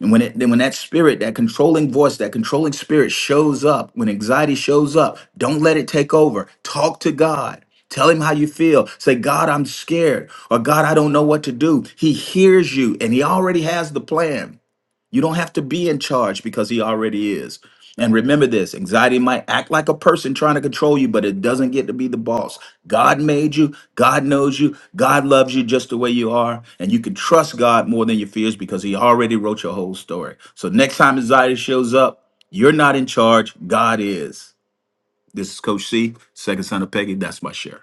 [SPEAKER 4] And when it then when that spirit, that controlling voice, that controlling spirit shows up, when anxiety shows up, don't let it take over. Talk to God. Tell him how you feel. Say, God, I'm scared. Or God, I don't know what to do. He hears you and he already has the plan. You don't have to be in charge because he already is. And remember this anxiety might act like a person trying to control you, but it doesn't get to be the boss. God made you, God knows you, God loves you just the way you are. And you can trust God more than your fears because he already wrote your whole story. So next time anxiety shows up, you're not in charge, God is. This is Coach C, second son of Peggy. That's my share.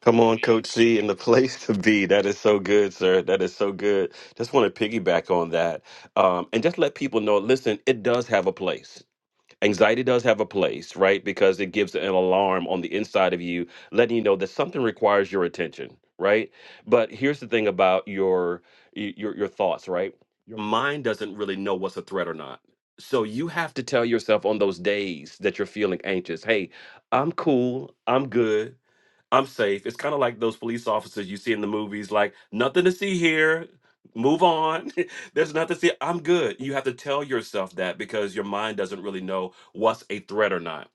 [SPEAKER 1] Come on, Coach C, and the (laughs) place to be. That is so good, sir. That is so good. Just want to piggyback on that, um, and just let people know. Listen, it does have a place. Anxiety does have a place, right? Because it gives an alarm on the inside of you, letting you know that something requires your attention, right? But here's the thing about your your your thoughts, right? Your mind doesn't really know what's a threat or not. So you have to tell yourself on those days that you're feeling anxious, hey, I'm cool, I'm good I'm safe. It's kind of like those police officers you see in the movies, like, nothing to see here. Move on. (laughs) There's nothing to see. I'm good. You have to tell yourself that because your mind doesn't really know what's a threat or not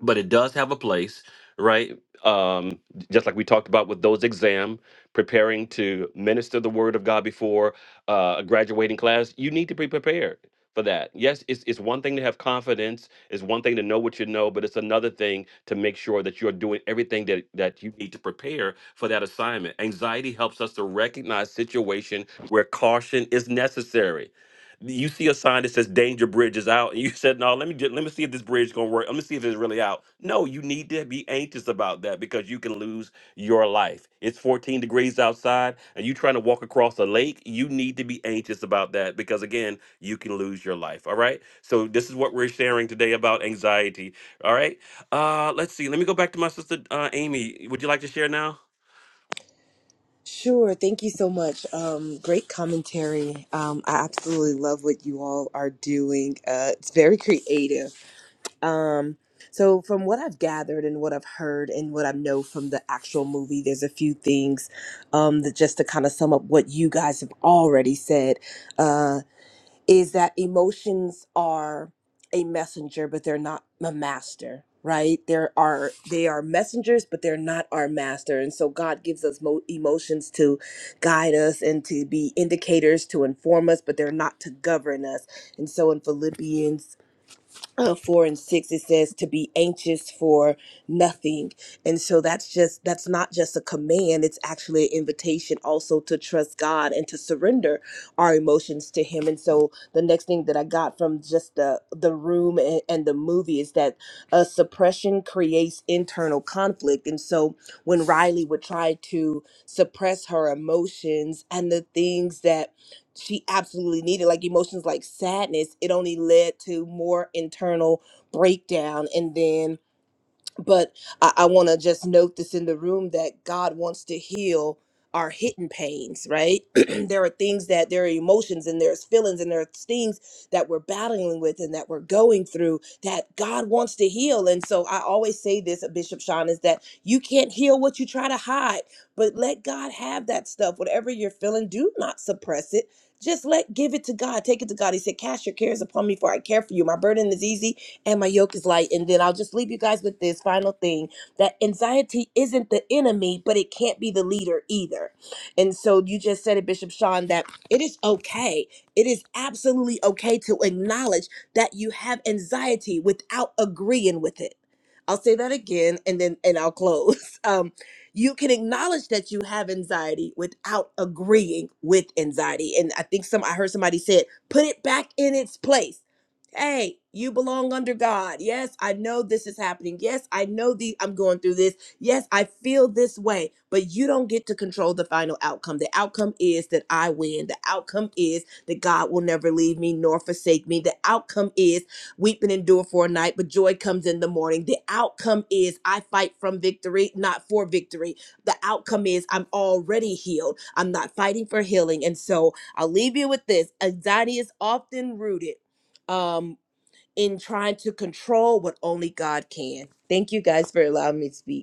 [SPEAKER 1] but it does have a place, right? Um, just like we talked about with those exam, preparing to minister the word of God before uh, a graduating class, you need to be prepared for that. Yes, it's, it's one thing to have confidence, it's one thing to know what you know, but it's another thing to make sure that you're doing everything that, that you need to prepare for that assignment. Anxiety helps us to recognize situation where caution is necessary. You see a sign that says danger bridge is out, and you (laughs) said, No, let me just, let me see if this bridge is gonna work. Let me see if it's really out. No, you need to be anxious about that because you can lose your life. It's 14 degrees outside, and you trying to walk across a lake. You need to be anxious about that because again, you can lose your life. All right. So this is what we're sharing today about anxiety. All right. Uh let's see. Let me go back to my sister uh Amy. Would you like to share now?
[SPEAKER 7] Sure. Thank you so much. Um, great commentary. Um, I absolutely love what you all are doing. Uh, it's very creative. Um, so, from what I've gathered and what I've heard and what I know from the actual movie, there's a few things um, that just to kind of sum up what you guys have already said. Uh is that emotions are a messenger but they're not a master right there are they are messengers but they're not our master and so god gives us mo- emotions to guide us and to be indicators to inform us but they're not to govern us and so in philippians uh, four and six it says to be anxious for nothing and so that's just that's not just a command it's actually an invitation also to trust god and to surrender our emotions to him and so the next thing that i got from just the the room and, and the movie is that uh, suppression creates internal conflict and so when riley would try to suppress her emotions and the things that she absolutely needed like emotions like sadness it only led to more internal breakdown and then but I, I want to just note this in the room that God wants to heal our hidden pains, right? (clears throat) there are things that there are emotions and there's feelings and there's things that we're battling with and that we're going through that God wants to heal. And so I always say this, Bishop Sean, is that you can't heal what you try to hide, but let God have that stuff. Whatever you're feeling, do not suppress it. Just let give it to God. Take it to God. He said, Cast your cares upon me, for I care for you. My burden is easy and my yoke is light. And then I'll just leave you guys with this final thing that anxiety isn't the enemy, but it can't be the leader either. And so you just said it, Bishop Sean, that it is okay. It is absolutely okay to acknowledge that you have anxiety without agreeing with it. I'll say that again and then and I'll close. (laughs) Um, you can acknowledge that you have anxiety without agreeing with anxiety. And I think some I heard somebody said, put it back in its place. Hey, you belong under God. Yes, I know this is happening. Yes, I know the I'm going through this. Yes, I feel this way, but you don't get to control the final outcome. The outcome is that I win. The outcome is that God will never leave me nor forsake me. The outcome is weeping endure for a night, but joy comes in the morning. The outcome is I fight from victory, not for victory. The outcome is I'm already healed. I'm not fighting for healing. And so I'll leave you with this. Anxiety is often rooted. Um, in trying to control what only God can. Thank you guys for allowing me to speak.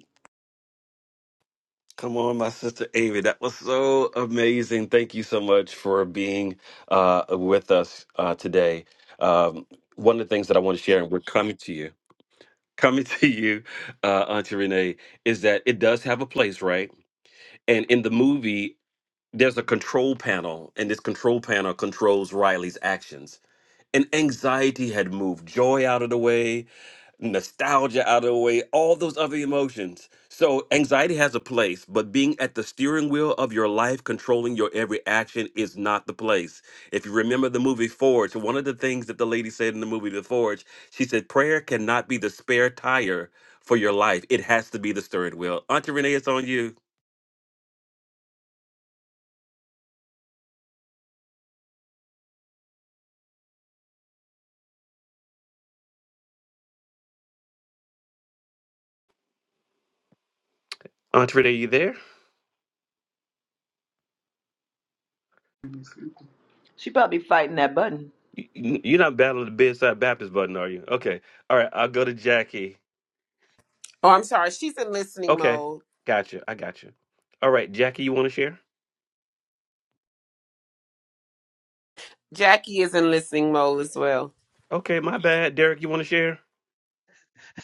[SPEAKER 1] Come on, my sister Amy. That was so amazing. Thank you so much for being uh, with us uh, today. Um, one of the things that I want to share, and we're coming to you, coming to (laughs) you, uh, Auntie Renee, is that it does have a place, right? And in the movie, there's a control panel, and this control panel controls Riley's actions and anxiety had moved joy out of the way nostalgia out of the way all those other emotions so anxiety has a place but being at the steering wheel of your life controlling your every action is not the place if you remember the movie forge one of the things that the lady said in the movie the forge she said prayer cannot be the spare tire for your life it has to be the steering wheel auntie renee it's on you auntie renee you there
[SPEAKER 3] She probably fighting that button.
[SPEAKER 1] You- you- are not battling the bedside baptist button are you okay all right i'll go to jackie
[SPEAKER 6] Oh, I'm sorry, she's in listening
[SPEAKER 1] Okay.
[SPEAKER 6] mode.
[SPEAKER 1] Gotcha. I gotcha. All right, Jackie, you want to share?
[SPEAKER 6] Jackie is in listening mode as well.
[SPEAKER 1] Okay, my bad. Derek, you want to share?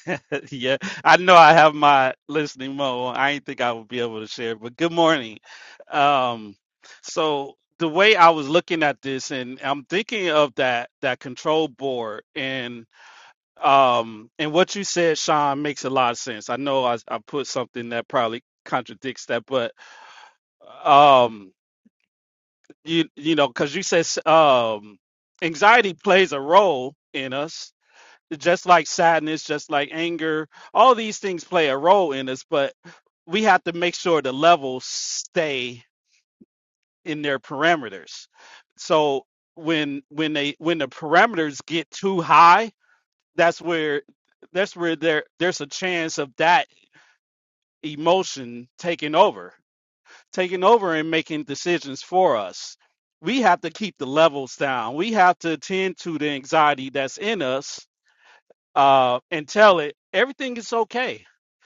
[SPEAKER 8] (laughs) Yeah, I know I have my listening mode. on. I didn't think I would be able to share, but good morning. Um, so the way I was looking at this, and I'm thinking of that that control board, and um, and what you said, Sean, makes a lot of sense. I know I, I put something that probably contradicts that, but um, you you know, because you said um, anxiety plays a role in us just like sadness, just like anger, all these things play a role in us, but we have to make sure the levels stay in their parameters. So when when they when the parameters get too high, that's where that's where there there's a chance of that emotion taking over, taking over and making decisions for us. We have to keep the levels down. We have to attend to the anxiety that's in us uh, and tell it everything is okay.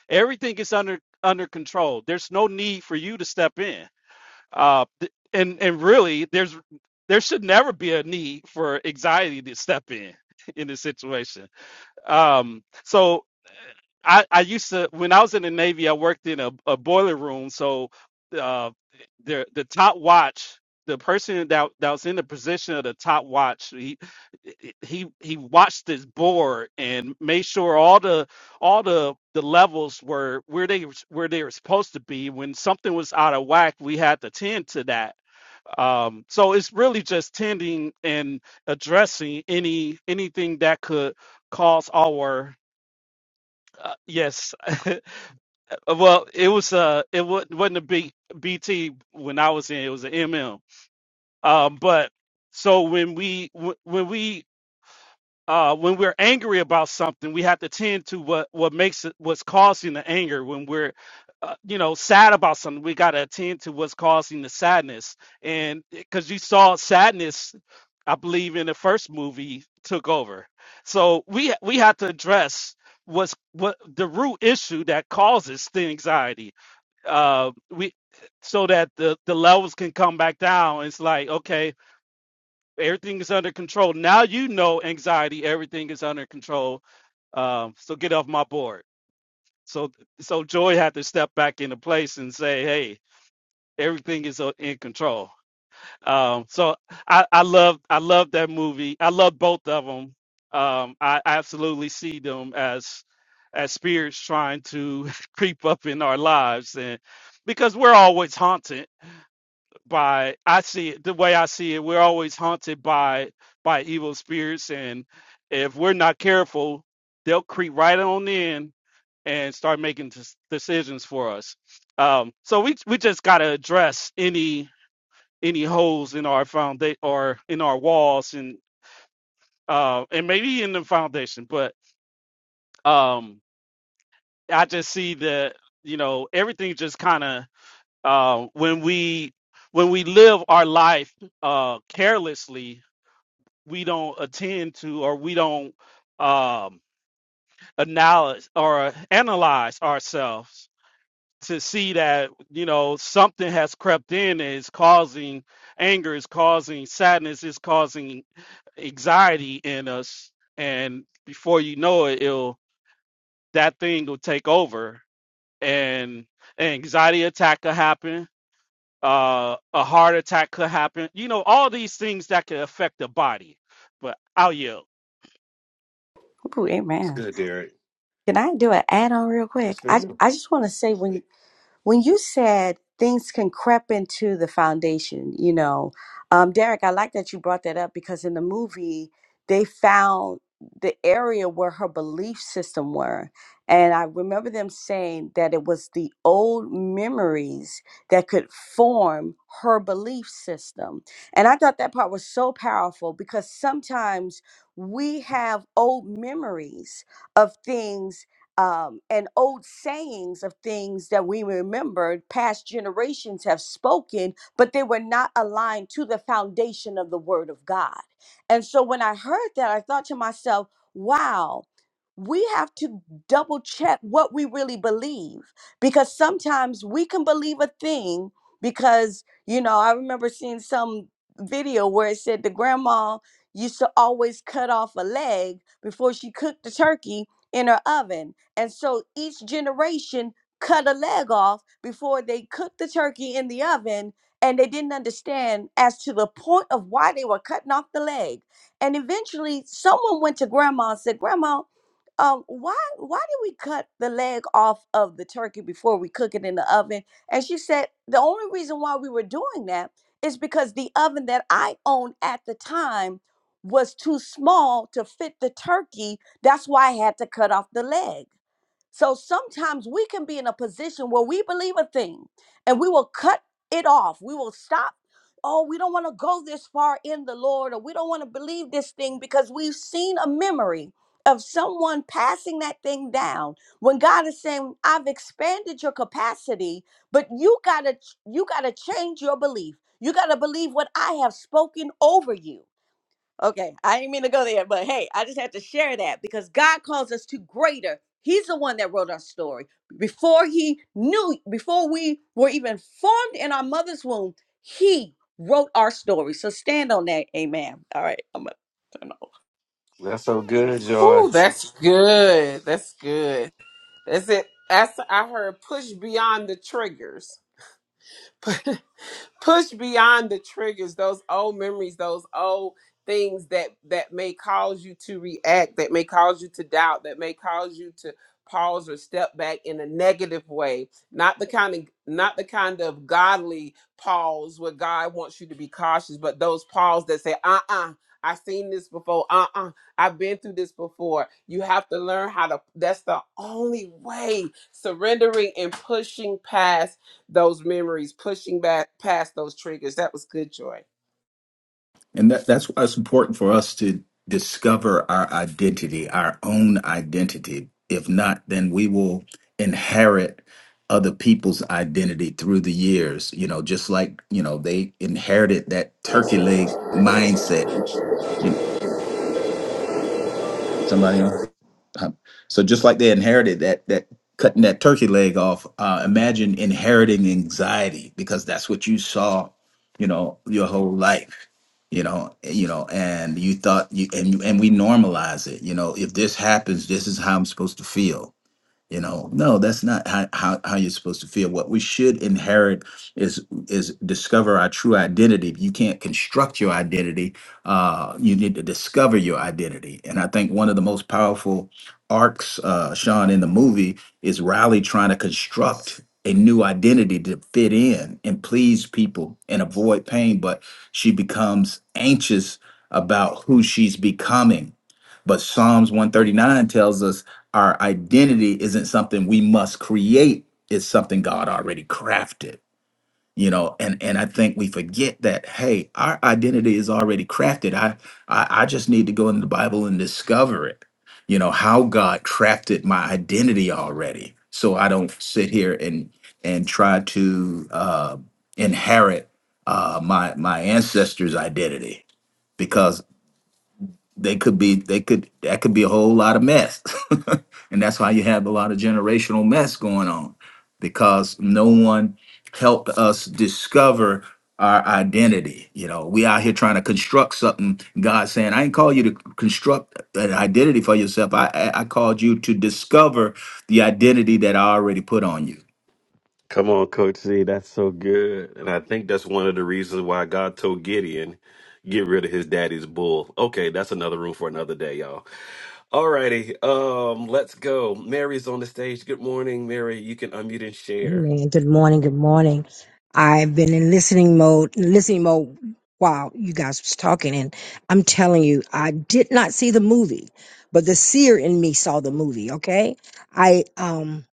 [SPEAKER 8] Everything is under under control. There's no need for you to step in. Uh, th- and and really, there's there should never be a need for anxiety to step in (laughs) in this situation. Um, so I, I used to when I was in the Navy, I worked in a, a boiler room. So uh, the the top watch, the person that that was in the position of the top watch, he he he watched this board and made sure all the all the the levels were where they where they were supposed to be. When something was out of whack, we had to tend to that um, so it's really just tending and addressing any anything that could cause our uh, yes. (laughs) well, it was uh it wa- wasn't a B, BT when I was in. It was an M M. Um, but so when we wh- when we uh, when we're angry about something, we have to tend to what what makes it what's causing the anger. When we're uh, you know sad about something, we got to attend to what's causing the sadness. And because you saw sadness, I believe in the first movie took over. So we ha- we have to address what's what the root issue that causes the anxiety. Uh, we so that the the levels can come back down. It's like okay Everything is under control. Now you know anxiety. Everything is under control. Um, so get off my board. So so Joy had to step back into place and say, hey, everything is uh, in control. Um, so I I love I love that movie. I love both of them. Um, I absolutely see them as as spirits trying to (laughs) creep up in our lives and because we're always haunted by I see it the way I see it, we're always haunted by by evil spirits and if we're not careful, they'll creep right on in and start making des- decisions for us. Um, so we we just got to address any any holes in our foundation or in our walls and uh and maybe in the foundation, but um I just see that you know everything just kind of uh when we when we live our life uh carelessly we don't attend to or we don't um acknowledge or analyze ourselves to see that you know something has crept in and is causing anger is causing sadness is causing anxiety in us and before you know it it'll that thing will take over and an anxiety attack could happen uh a heart attack could happen you know all these things that could affect the body but i will yield.
[SPEAKER 5] Ooh,
[SPEAKER 1] It's
[SPEAKER 5] amen.
[SPEAKER 1] good, Derek.
[SPEAKER 5] Can I do an add on real
[SPEAKER 1] It's
[SPEAKER 5] quick?
[SPEAKER 1] for
[SPEAKER 5] I,
[SPEAKER 1] you.
[SPEAKER 5] I just want to say, when when you said things can creep into the foundation, you know, um, Derek, I like that you brought that up because in the movie they found the area where her belief system were, and I remember them saying that it was the old memories that could form her belief system, and I thought that part was so powerful because sometimes we have old memories of things um, and old sayings of things that we remembered past generations have spoken, but they were not aligned to the foundation of the Word of God. And so when I heard that, I thought to myself, wow. We have to double check what we really believe because sometimes we can believe a thing because, you know, I remember seeing some video where it said the grandma used to always cut off a leg before she cooked the turkey in her oven and so each generation cut a leg off before they cooked the turkey in the oven. And they didn't understand as to the point of why they were cutting off the leg. And eventually, someone went to grandma and said, Grandma, um, why why did we cut the leg off of the turkey before we cook it in the oven? And she said, The only reason why we were doing that is because the oven that I owned at the time was too small to fit the turkey. That's why I had to cut off the leg. So sometimes we can be in a position where we believe a thing and we will cut it off. We will stop. Oh, we don't want to go this far in the Lord, or we don't want to believe this thing because we've seen a memory of someone passing that thing down when God is saying, I've expanded your capacity, but you gotta you gotta change your belief. You gotta believe what I have spoken over you. Okay, I didn't mean to go there, but hey, I just had to share that because God calls us to greater. He's the one that wrote our story. Before he knew, before we were even formed in our mother's womb, he wrote our story. So stand on that. Amen. All right, I'm gonna turn off.
[SPEAKER 1] That's so good, Joy.
[SPEAKER 6] Ooh, that's good. That's good. That's it. That's I heard push beyond the triggers. (laughs) push beyond the triggers those old memories those old things that that may cause you to react that may cause you to doubt that may cause you to pause or step back in a negative way not the kind of not the kind of godly pause where god wants you to be cautious but those pause that say uh-uh i've seen this before uh-uh i've been through this before you have to learn how to that's the only way surrendering and pushing past those memories, pushing back past those triggers. That was good joy.
[SPEAKER 4] And that, that's why it's important for us to discover our identity, our own identity. If not, then we will inherit other people's identity through the years. You know, just like, you know, they inherited that turkey leg mindset. You, somebody else? Um, so just like they inherited that that cutting that turkey leg off, uh, imagine inheriting anxiety because that's what you saw, you know, your whole life, you know, you know, and you thought you and you and we normalize it, you know, if this happens, this is how I'm supposed to feel you know no that's not how, how, how you're supposed to feel what we should inherit is is discover our true identity you can't construct your identity uh you need to discover your identity and i think one of the most powerful arcs uh sean in the movie is riley trying to construct a new identity to fit in and please people and avoid pain but she becomes anxious about who she's becoming but psalms 139 tells us our identity isn't something we must create it's something god already crafted you know and and i think we forget that hey our identity is already crafted i i, I just need to go into the bible and discover it you know how god crafted my identity already so i don't sit here and and try to uh inherit uh my my ancestors identity because they could be they could that could be a whole lot of mess (laughs) and that's why you have a lot of generational mess going on because no one helped us discover our identity you know we out here trying to construct something god saying i ain't call you to construct an identity for yourself i i I called you to discover the identity that i already put on you
[SPEAKER 1] Come on, Coach C. That's so good. And I think that's one of the reasons why God told Gideon, get rid of his daddy's bull. Okay, that's another room for another day, y'all. All righty. Um, let's go. Mary's on the stage. Good morning, Mary. You can unmute and share.
[SPEAKER 9] Amen. Good morning. Good morning. I've been in listening mode, listening mode while you guys was talking, and I'm telling you, I did not see the movie, but the seer in me saw the movie. Okay, I um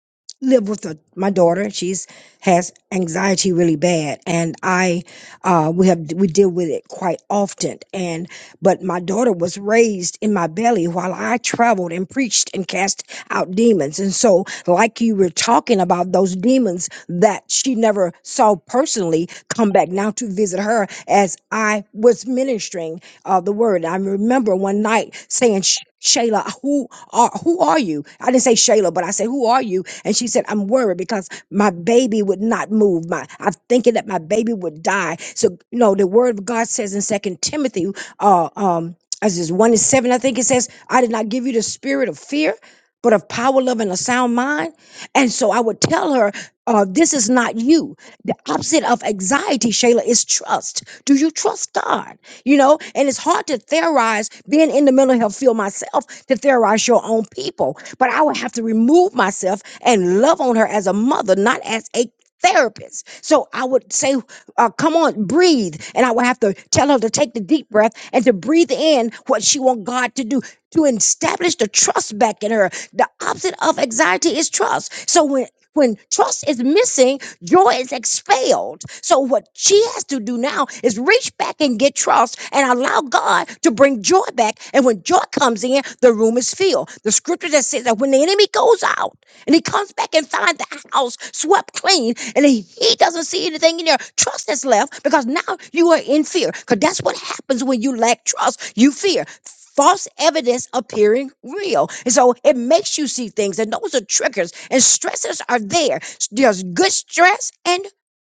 [SPEAKER 9] live with a, my daughter. She's has anxiety really bad, and I uh we have we deal with it quite often. And but my daughter was raised in my belly while I traveled and preached and cast out demons. And so, like you were talking about, those demons that she never saw personally come back now to visit her as I was ministering uh, the word. I remember one night saying, "Sh- Shayla, who are who are you? I didn't say Shayla, but I said, "Who are you?" And she said, "I'm worried because my baby would not move. My I'm thinking that my baby would die." So, you know, the Word of God says in Second Timothy, uh, um, as is one and seven, I think it says, "I did not give you the spirit of fear." but of power, love, and a sound mind. And so I would tell her, uh, this is not you. The opposite of anxiety, Shayla, is trust. Do you trust God? You know, and it's hard to theorize, being in the mental health field myself, to theorize your own people. But I would have to remove myself and love on her as a mother, not as a therapist. So I would say, uh, come on, breathe. And I would have to tell her to take the deep breath and to breathe in what she want God to do to establish the trust back in her. The opposite of anxiety is trust. So when when trust is missing, joy is expelled. So what she has to do now is reach back and get trust and allow God to bring joy back. And when joy comes in, the room is filled. The scripture that says that when the enemy goes out, and he comes back and finds the house swept clean and he, he doesn't see anything in there. Trust is left because now you are in fear because that's what happens when you lack trust. You fear. False evidence appearing real. And so it makes you see things, and those are triggers, and stressors are there. There's good stress and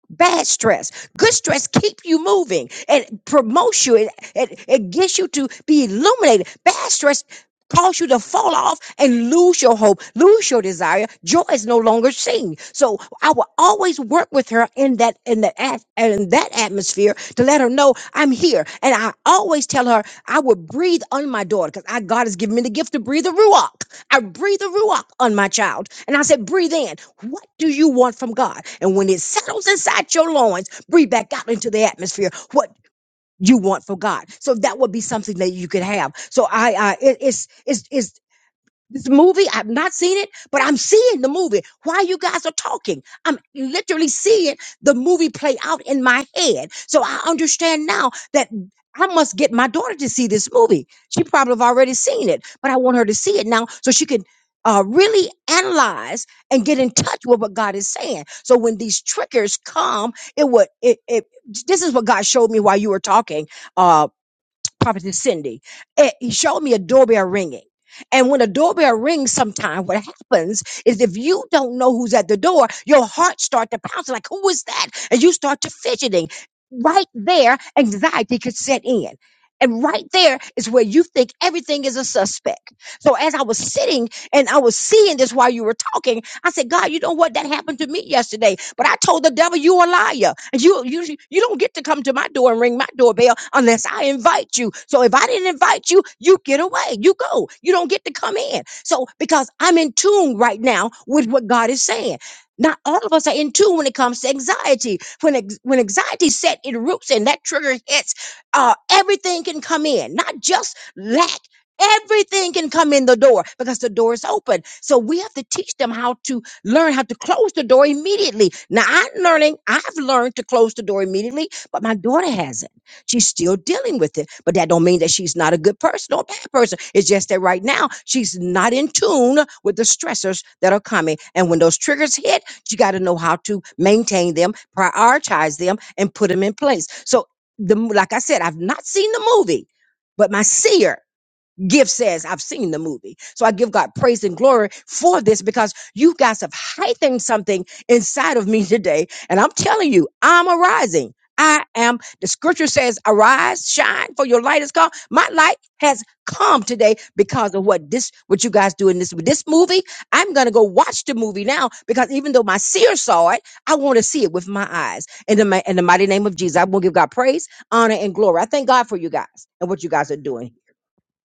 [SPEAKER 9] bad stress. Good stress keep you moving and promotes you. It, it, it gets you to be illuminated. Bad stress cause you to fall off and lose your hope, lose your desire. Joy is no longer seen. So I will always work with her in that in the at- in that atmosphere to let her know I'm here. And I always tell her I will breathe on my daughter because God has given me the gift to breathe the ruach. I breathe a ruach on my child. And I said, breathe in. What do you want from God? And when it settles inside your loins, breathe back out into the atmosphere what you want from God. So that would be something that you could have. So I, I it, it's, it's, it's this movie, I've not seen it, but I'm seeing the movie while you guys are talking. I'm literally seeing the movie play out in my head. So I understand now that I must get my daughter to see this movie. She probably have already seen it, but I want her to see it now so she can uh, really analyze and get in touch with what God is saying. So when these triggers come, it would, it, it, this is what God showed me while you were talking, uh, prophetess Cindy, eh, he showed me a doorbell ringing. And when a doorbell rings, sometimes what happens is if you don't know who's at the door, your heart starts to pounce like, who is that? And you start to fidgeting. Right there, anxiety could set in. And right there is where you think everything is a suspect. So as I was sitting and I was seeing this while you were talking, I said, God, you know what? That happened to me yesterday. But I told the devil, you a liar. And you, you, you don't get to come to my door and ring my doorbell unless I invite you. So if I didn't invite you, you get away. You go. You don't get to come in. So because I'm in tune right now with what God is saying. Not all of us are in tune when it comes to anxiety. When ex- when anxiety set in roots and that trigger hits, uh, everything can come in. Not just lack. Everything can come in the door because the door is open. So we have to teach them how to learn how to close the door immediately. Now I'm learning, I've learned to close the door immediately, but my daughter hasn't. She's still dealing with it. But that don't mean that she's not a good person or a bad person. It's just that right now she's not in tune with the stressors that are coming. And when those triggers hit, you got to know how to maintain them, prioritize them, and put them in place. So the, like I said, I've not seen the movie, but my seer Gift says, I've seen the movie. So I give God praise and glory for this because you guys have heightened something inside of me (laughs) today. And I'm telling you, I'm arising. I am, the scripture says, arise, shine, for your light is come. My light has come today because of what this, what you guys do in this, this movie. I'm going to go watch the movie now because even though my seer saw it, I want to see it with my eyes. In the, ma- in the mighty name of Jesus, I will give God praise, honor, and glory. I thank God for you guys and what you guys are doing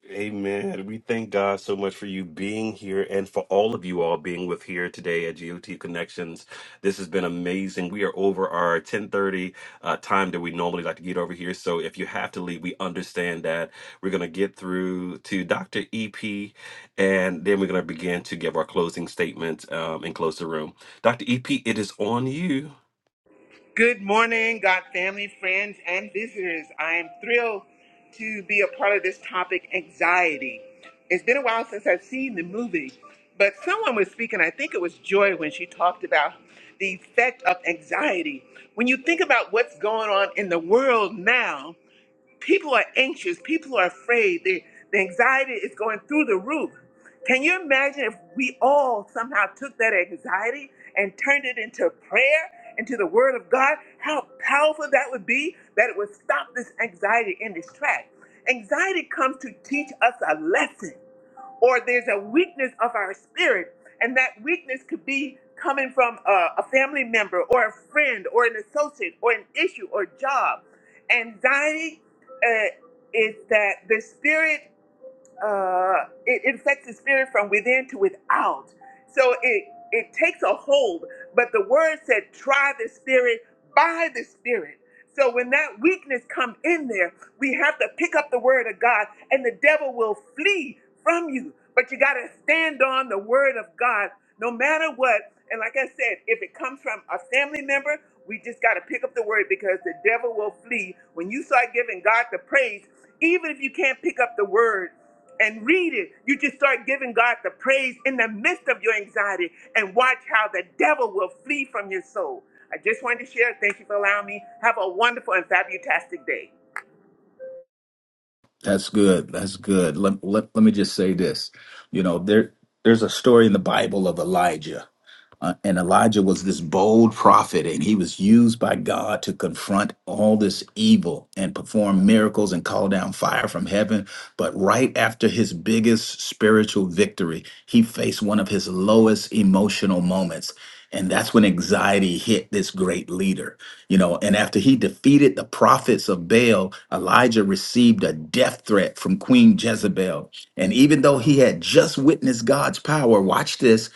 [SPEAKER 1] Amen. We thank God so much for you being here and for all of you all being with here today at GOT Connections. This has been amazing. We are over our 1030 uh, time that we normally like to get over here. So if you have to leave, we understand that. We're going to get through to Dr. EP and then we're going to begin to give our closing statements um, and close the room. Dr. EP, it is on you.
[SPEAKER 10] Good morning, God family, friends, and visitors. I am thrilled to be a part of this topic, anxiety. It's been a while since I've seen the movie, but someone was speaking, I think it was Joy, when she talked about the effect of anxiety. When you think about what's going on in the world now, People are anxious. People are afraid. The, the anxiety is going through the roof. Can you imagine if we all somehow took that anxiety and turned it into prayer, into the Word of God? How powerful that would be that it would stop this anxiety in its track. Anxiety comes to teach us a lesson or there's a weakness of our spirit, and that weakness could be coming from a, a family member or a friend or an associate or an issue or job. Anxiety uh, is that the spirit uh, it infects the spirit from within to without. So it it takes a hold. But the word said, "Try the spirit by the spirit." So when that weakness come in there, we have to pick up the word of God, and the devil will flee from you. But you got to stand on the word of God, no matter what. And like I said, if it comes from a family member, we just got to pick up the word because the devil will flee. When you start giving God the praise, even if you can't pick up the word and read it, you just start giving God the praise in the midst of your anxiety and watch how the devil will flee from your soul. I just wanted to share. Thank you for allowing me. Have a wonderful and fabulastic day.
[SPEAKER 4] That's good. That's good. Let, let, let me just say this. You know, there there's a story in the Bible of Elijah. Uh, and Elijah was this bold prophet, and he was used by God to confront all this evil and perform miracles and call down fire from heaven. But right after his biggest spiritual victory, he faced one of his lowest emotional moments. And that's when anxiety hit this great leader you know, and after he defeated the prophets of Baal, Elijah received a death threat from Queen Jezebel. And even though he had just witnessed God's power, watch this,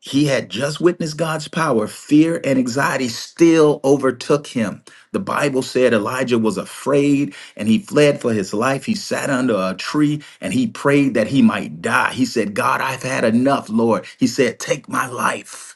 [SPEAKER 4] he had just witnessed God's power, fear and anxiety still overtook him. The Bible said Elijah was afraid and he fled for his life. He sat under a tree and he prayed that he might die. He said, God, I've had enough, Lord. He said, Take my life.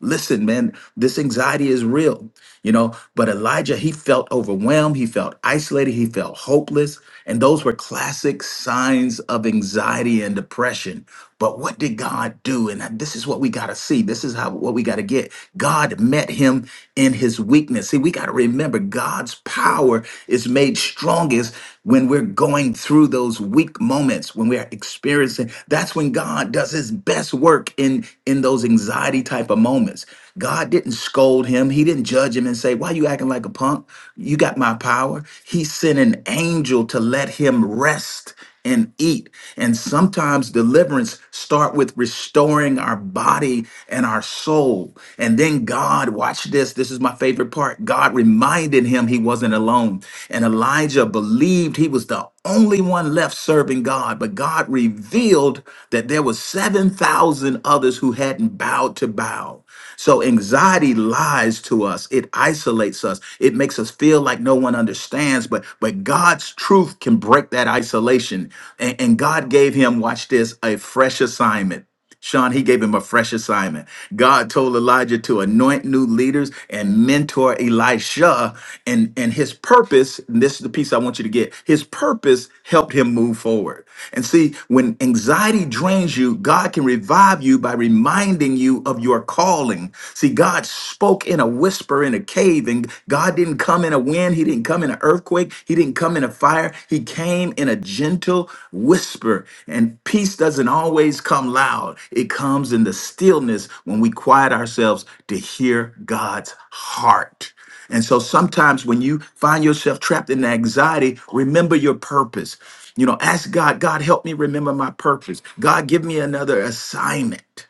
[SPEAKER 4] Listen, man, this anxiety is real, you know. But Elijah, he felt overwhelmed, he felt isolated, he felt hopeless. And those were classic signs of anxiety and depression. But what did God do? And this is what we got to see. This is how what we got to get. God met him in his weakness. See, we got to remember God's power is made strongest when we're going through those weak moments, when we're experiencing. That's when God does his best work in in those anxiety type type of moments. God didn't scold him. He didn't judge him and say, Why you acting like a punk? You got my power. He sent an angel to let him rest and eat. And sometimes deliverance start with restoring our body and our soul. And then God, watch this, this is my favorite part. God reminded him he wasn't alone. And Elijah believed he was the only one left serving God, but God revealed that there were 7,000 others who hadn't bowed proud to bow. So anxiety lies to us. It isolates us. It makes us feel like no one understands. But but God's truth can break that isolation. And, and God gave him, watch this, a fresh assignment. Sean, he gave him a fresh assignment. God told Elijah to anoint new leaders and mentor Elisha. And, and his purpose, and this is the piece I want you to get his purpose helped him move forward. And see, when anxiety drains you, God can revive you by reminding you of your calling. See, God spoke in a whisper in a cave, and God didn't come in a wind, He didn't come in an earthquake, He didn't come in a fire. He came in a gentle whisper. And peace doesn't always come loud, it comes in the stillness when we quiet ourselves to hear God's heart. And so sometimes when you find yourself trapped in anxiety, remember your purpose. You know, ask God, God, help me remember my purpose. God, give me another assignment.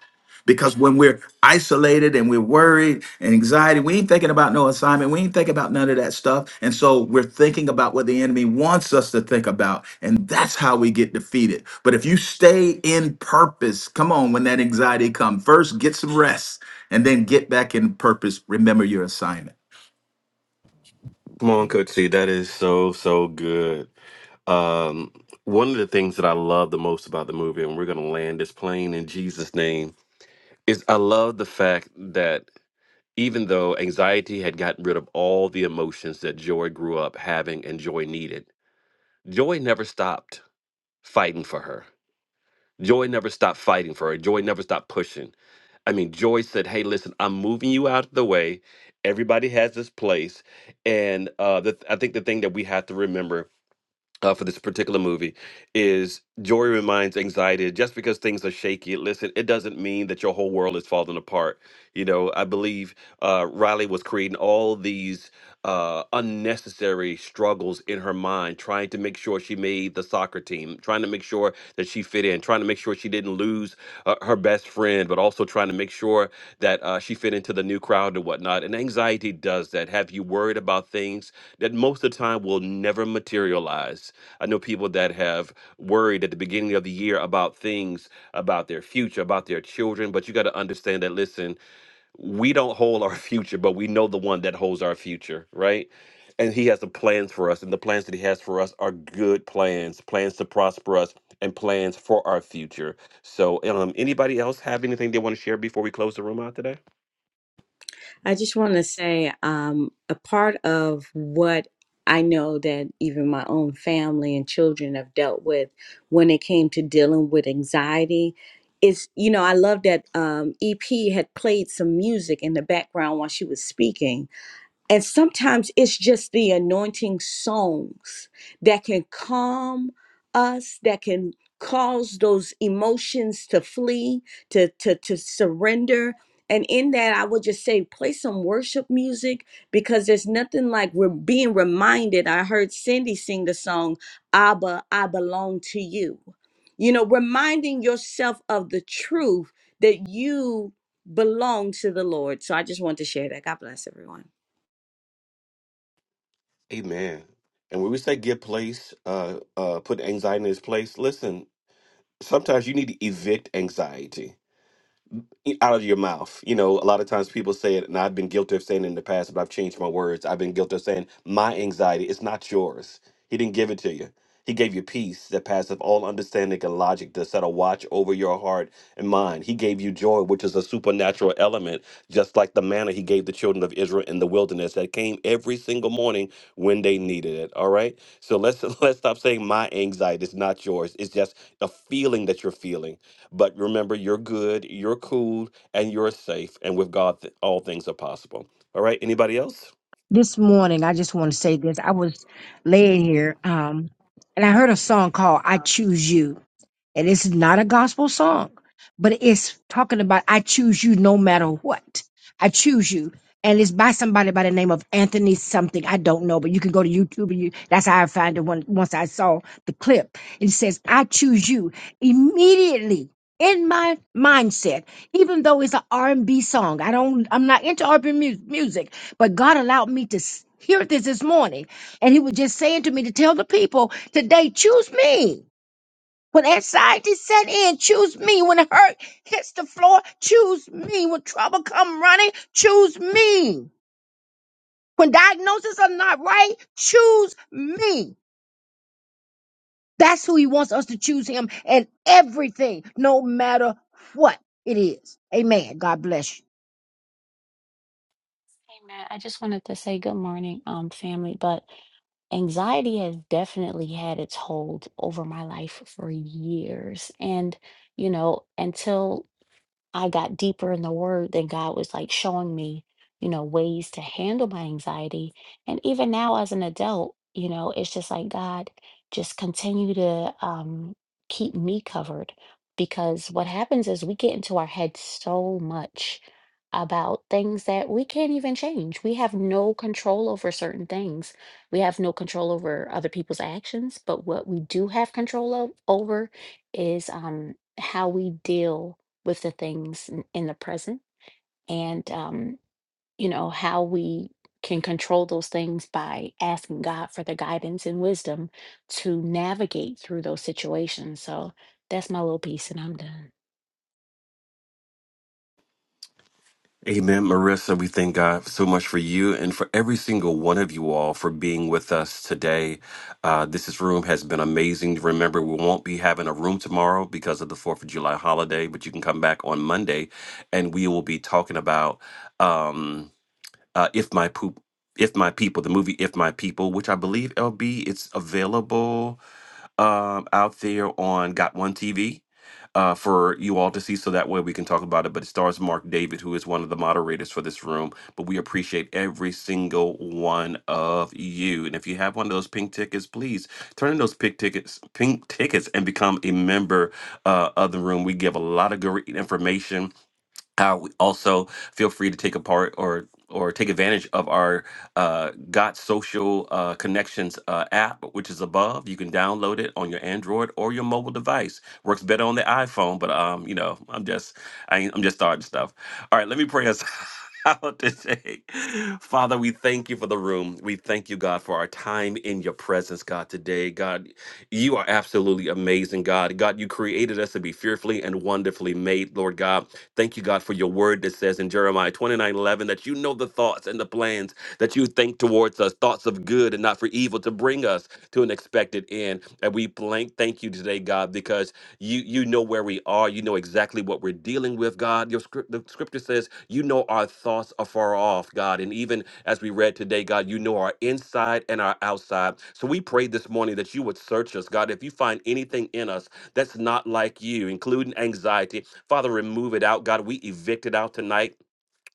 [SPEAKER 4] Because when we're isolated and we're worried and anxiety, we ain't thinking about no assignment. We ain't thinking about none of that stuff. And so we're thinking about what the enemy wants us to think about. And that's how we get defeated. But if you stay in purpose, come on, when that anxiety comes, first get some rest and then get back in purpose. Remember your assignment.
[SPEAKER 1] Come on, Coach C. That is so, so good. Um, one of the things that I love the most about the movie, and we're going to land this plane in Jesus' name, is I love the fact that even though anxiety had gotten rid of all the emotions that Joy grew up having and Joy needed, Joy never stopped fighting for her. Joy never stopped fighting for her. Joy never stopped pushing. I mean, Joy said, "Hey, listen, I'm moving you out of the way. Everybody has this place, and uh, the, I think the thing that we have to remember." uh, for this particular movie is Jory reminds anxiety just because things are shaky. Listen, it doesn't mean that your whole world is falling apart. You know, I believe uh, Riley was creating all these uh, unnecessary struggles in her mind, trying to make sure she made the soccer team, trying to make sure that she fit in, trying to make sure she didn't lose uh, her best friend, but also trying to make sure that uh, she fit into the new crowd and whatnot. And anxiety does that. Have you worried about things that most of the time will never materialize? I know people that have worried at the beginning of the year about things, about their future, about their children, but you got to understand that, listen, we don't hold our (laughs) future, but we know the one that holds our future, right? And he has the plans for us, and the plans that he has for us are good plans, plans to prosper us, and plans for our future. So, um, anybody else have anything they want to share before we close the room out today?
[SPEAKER 5] I just want to say um, a part of what I know that even my own family and children have dealt with when it came to dealing with anxiety is, you know, I love that um, EP had played some music in the background while she was speaking and sometimes it's just the anointing songs that can calm us, that can cause those emotions to flee, to, to, to surrender. And in that, I would just say play some worship music because there's nothing like we're being reminded. I heard Cindy sing the song, Abba, I belong to you. You know, reminding yourself of the truth that you belong to the Lord. So I just want to share that. God bless everyone.
[SPEAKER 1] Amen. And when we say give place, uh, uh, put anxiety in its place, listen, sometimes you need to evict anxiety e, out of your mouth. You know, a lot of times people say it, and I've been guilty of saying it in the past, but I've changed my words. I've been guilty of saying, My anxiety, it's not yours. He didn't give it to you. He gave you peace that passeth all understanding and logic to set a watch over your heart and mind. He gave you joy, which is a supernatural element, just like the manna he gave the children of Israel in the wilderness that came every single morning when they needed it. All right. So let's (laughs) let's stop saying my anxiety is not yours. It's just a feeling that you're feeling but remember, you're good, you're cool, and you're safe. And with God, th- all things are possible. All right. Anybody else?
[SPEAKER 9] This morning, I just want to say this. I was laying here, um, and I heard a song called "I Choose You." And it's not a gospel song, but it's talking about I choose you no matter what. I choose you. And it's by somebody by the name of Anthony something. I don't know, but you can go to YouTube and you that's how I found it when, once I saw the clip. It says, I choose you immediately in my mindset, even though it's an R&B song. I don't, I'm not into R&B mu- music, but God allowed me to s- hear this this morning. And he was just saying to me to tell the people today, choose me. When anxiety set in, choose me. When hurt hits the floor, choose me. When trouble come running, choose me. When diagnoses are not right, choose me. That's who he wants us to choose him and everything, no matter what it is. Amen. God bless you.
[SPEAKER 11] Hey Matt, I just wanted to say good morning, um, family. But anxiety has definitely had its hold over my life for years. And, you know, until I got deeper in the word, then God was like showing me, you know, ways to handle my anxiety. And even now as an adult, you know, it's just like God just continue to um keep me covered because what happens is we get into our head so much about things that we can't even change. We have no control over certain things. We have no control over other people's actions, but what we do have control of, over is um how we deal with the things in, in the present and um, you know how we can control those things by asking god for the guidance and wisdom to navigate through those situations so that's my little piece and i'm done
[SPEAKER 1] Amen, Marissa. We thank God so much for you and for every single one of you all for being with us today. Uh, this is- room has been amazing. Remember, we won't be having a room tomorrow because of the 4th of July holiday, but you can come back on Monday and we will be talking about um, uh, If My Poop. If My People, the movie If My People, which I believe, LB, it's available. um, out there on Got One TV uh, for you all to see, so that way we can talk about it. But it stars Mark David, who is one of the moderators for this room. But we appreciate every single one of you. And if you have one of those pink tickets, please turn in those pink tickets, pink tickets, and become a member uh, of the room. We give a lot of great information uh, we also feel free to take a part or or take advantage of our uh, Got Social uh, Connections uh, app, which is above. You can download it on your Android or your mobile device. Works better on the iPhone, but um, you know, I'm just I ain't, I'm just starting stuff. All right, let me pray us. (laughs) Out today. Father, we thank you for the room. We thank you, God, for our time in your presence, God, today. God, you are absolutely amazing, God. God, you created us to be fearfully and wonderfully made, Lord God. Thank you, God, for your word that says in Jeremiah 29 11 that you know the thoughts and the plans that you think towards us, thoughts of good and not for evil, to bring us to an expected end. And we blank thank you today, God, because you you know where we are are. You know exactly what we're dealing with, God. Your script, the scripture says, you know our thoughts are far off, God. And even as we read today, God, you know our inside and our outside. So we pray this morning that you would search us, God. If you find anything in us that's not like you, including anxiety, Father, remove it out, God. We evict it out tonight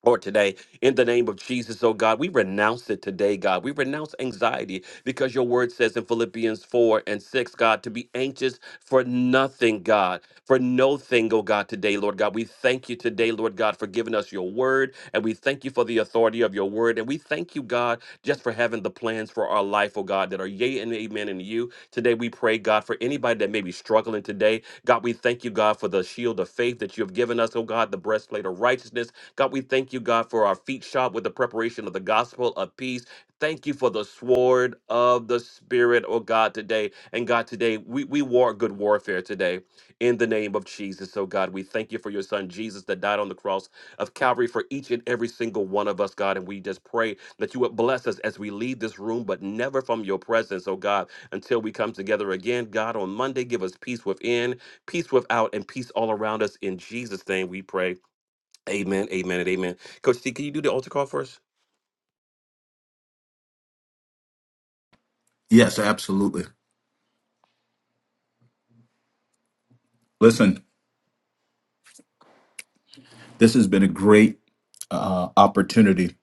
[SPEAKER 1] or today in the name of Jesus, oh God, we renounce it today, God. We renounce anxiety because your word says in Philippians 4 and 6, God, to be anxious for nothing, God, for no thing, oh God, today, Lord God. We thank you today, Lord God, for giving us your word, and we thank you for the authority of your word, and we thank you, God, just for having the plans for our life, oh God, that are yea and amen in you. Today, we pray, God, for anybody that may be struggling today, God, we thank you, God, for the shield of faith that you have given us, oh God, the breastplate of righteousness God, we thank you, God, for our feet shod with the preparation of the gospel of peace. Thank you for the sword of the Spirit, oh God, today. And God, today, we, we war good warfare today in the name of Jesus. Oh God, we thank you for your son Jesus that died on the cross of Calvary for each and every single one of us, God. And we just pray that you would bless us as we leave this room, but never from your presence, oh God, until we come together again. God, on Monday, give us peace within, peace without, and peace all around us. In Jesus' name we pray. Amen, amen, and amen. Coach C, can you do the altar call for us?
[SPEAKER 4] Yes, absolutely. Listen, this has been a great uh, opportunity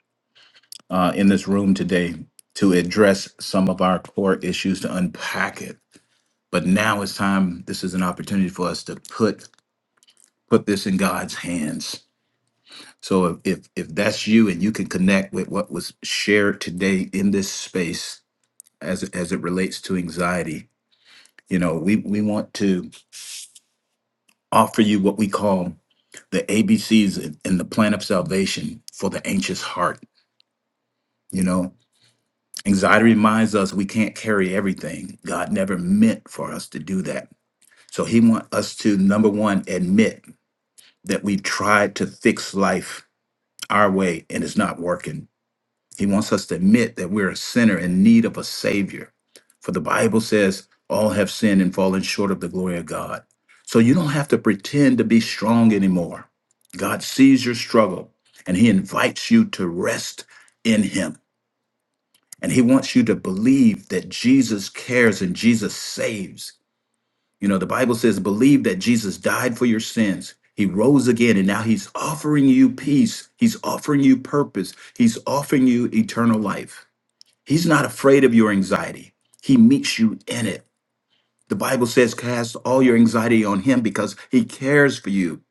[SPEAKER 4] uh, in this room today to address some of our core issues to unpack it. But now it's time. This is an opportunity for us to put put this in God's hands. So if if, if that's you and you can connect with what was shared today in this space as as it relates to anxiety, you know, we we want to offer you what we call the ABCs and and the plan of salvation for the anxious heart You know, anxiety reminds us we can't carry everything. God never meant for us to do that. So he wants us to, number one, admit that we've tried to fix life our way and it's not working. He wants us to admit that we're a sinner in need of a savior. For the Bible says, all have sinned and fallen short of the glory of God. So you don't have to pretend to be strong anymore. God sees your struggle and he invites you to rest in him. And he wants you to believe that Jesus cares and Jesus saves. You know, the Bible says, believe that Jesus died for your sins. He rose again, and now he's offering you peace. He's offering you purpose. He's offering you eternal life. He's not afraid of your anxiety, he meets you in it. The Bible says, cast all your anxiety on him because he cares for you.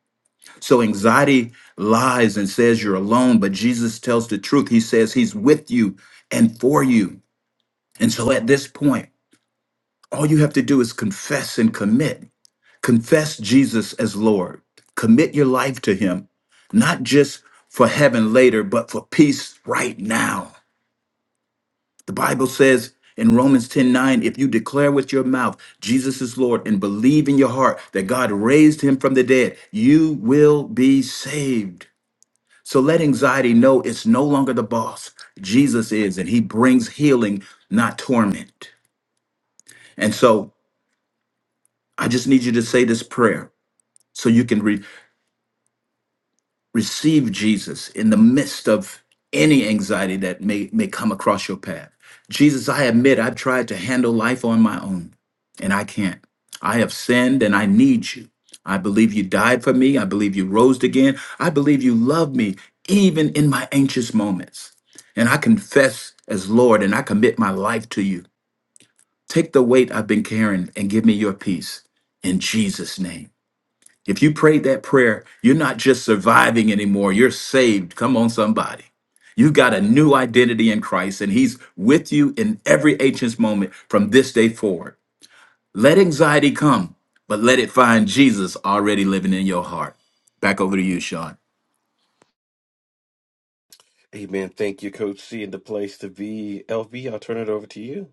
[SPEAKER 4] So anxiety lies and says you're alone, but Jesus tells the truth. He says he's with you and for you. And so at this point, All you have to do is confess and commit. Confess Jesus as Lord. Commit your life to Him, not just for heaven later, but for peace right now. The Bible says in Romans 10 9, if you declare with your mouth Jesus is Lord and believe in your heart that God raised Him from the dead, you will be saved. So let anxiety know it's no longer the boss. Jesus is, and He brings healing, not torment. And so I just need you to say this prayer. so you can re- receive Jesus in the midst of any anxiety that may, may come across your path. Jesus, I admit I've tried to handle life on my own and I can't. I have sinned and I need you. I believe you died for me. I believe you rose again. I believe you love me even in my anxious moments. And I confess as Lord and I commit my life to you. Take the weight I've been carrying and give me your peace in Jesus' name. If you prayed that prayer, you're not just surviving anymore, you're saved. Come on, somebody. You got a new identity in Christ, and He's with you in every anxious moment from this day forward. Let anxiety come, but let it find Jesus already living in your heart. Back over to you, Sean.
[SPEAKER 1] Amen. Thank you, Coach C, and the place to be. LB, I'll turn it over to you.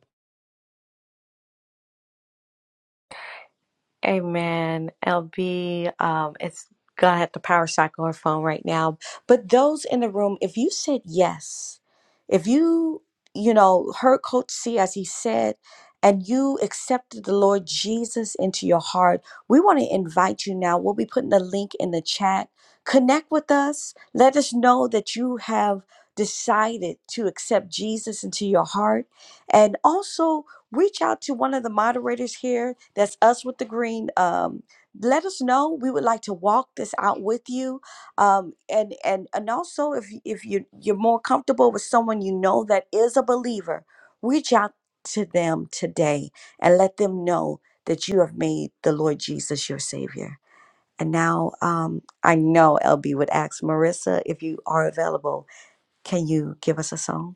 [SPEAKER 5] Amen. LB, um, it's gonna have to power cycle her phone right now. But those in the room, if you said yes, if you, you know, heard Coach C as he said, and you accepted the Lord Jesus into your heart, we want to invite you now. We'll be putting the link in the chat. Connect with us. Let us know that you have decided to accept Jesus into your heart. And also, reach out to one of the moderators here. That's us with the green. Um, let us know. We would like to walk this out with you. Um, and and and also, if you- if you you're more comfortable with someone you know that is a believer, reach out to them today and let them know that you have made the Lord Jesus your Savior. And now, um, I know LB would ask Marissa if you are available. Can you give us a song?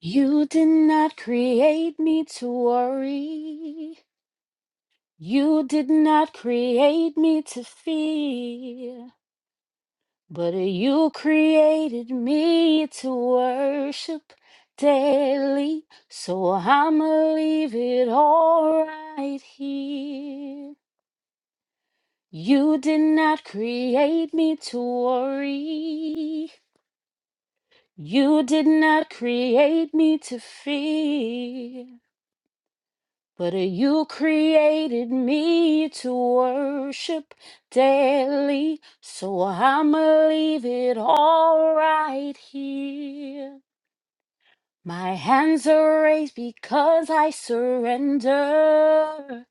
[SPEAKER 11] you did not create me to worry you did not create me to fear But you created me to worship daily, so I'ma leave it all right here. You did not create me to worry. You did not create me to fear. But you created me to worship daily, so I'ma leave it all right here. My hands are raised because I surrender.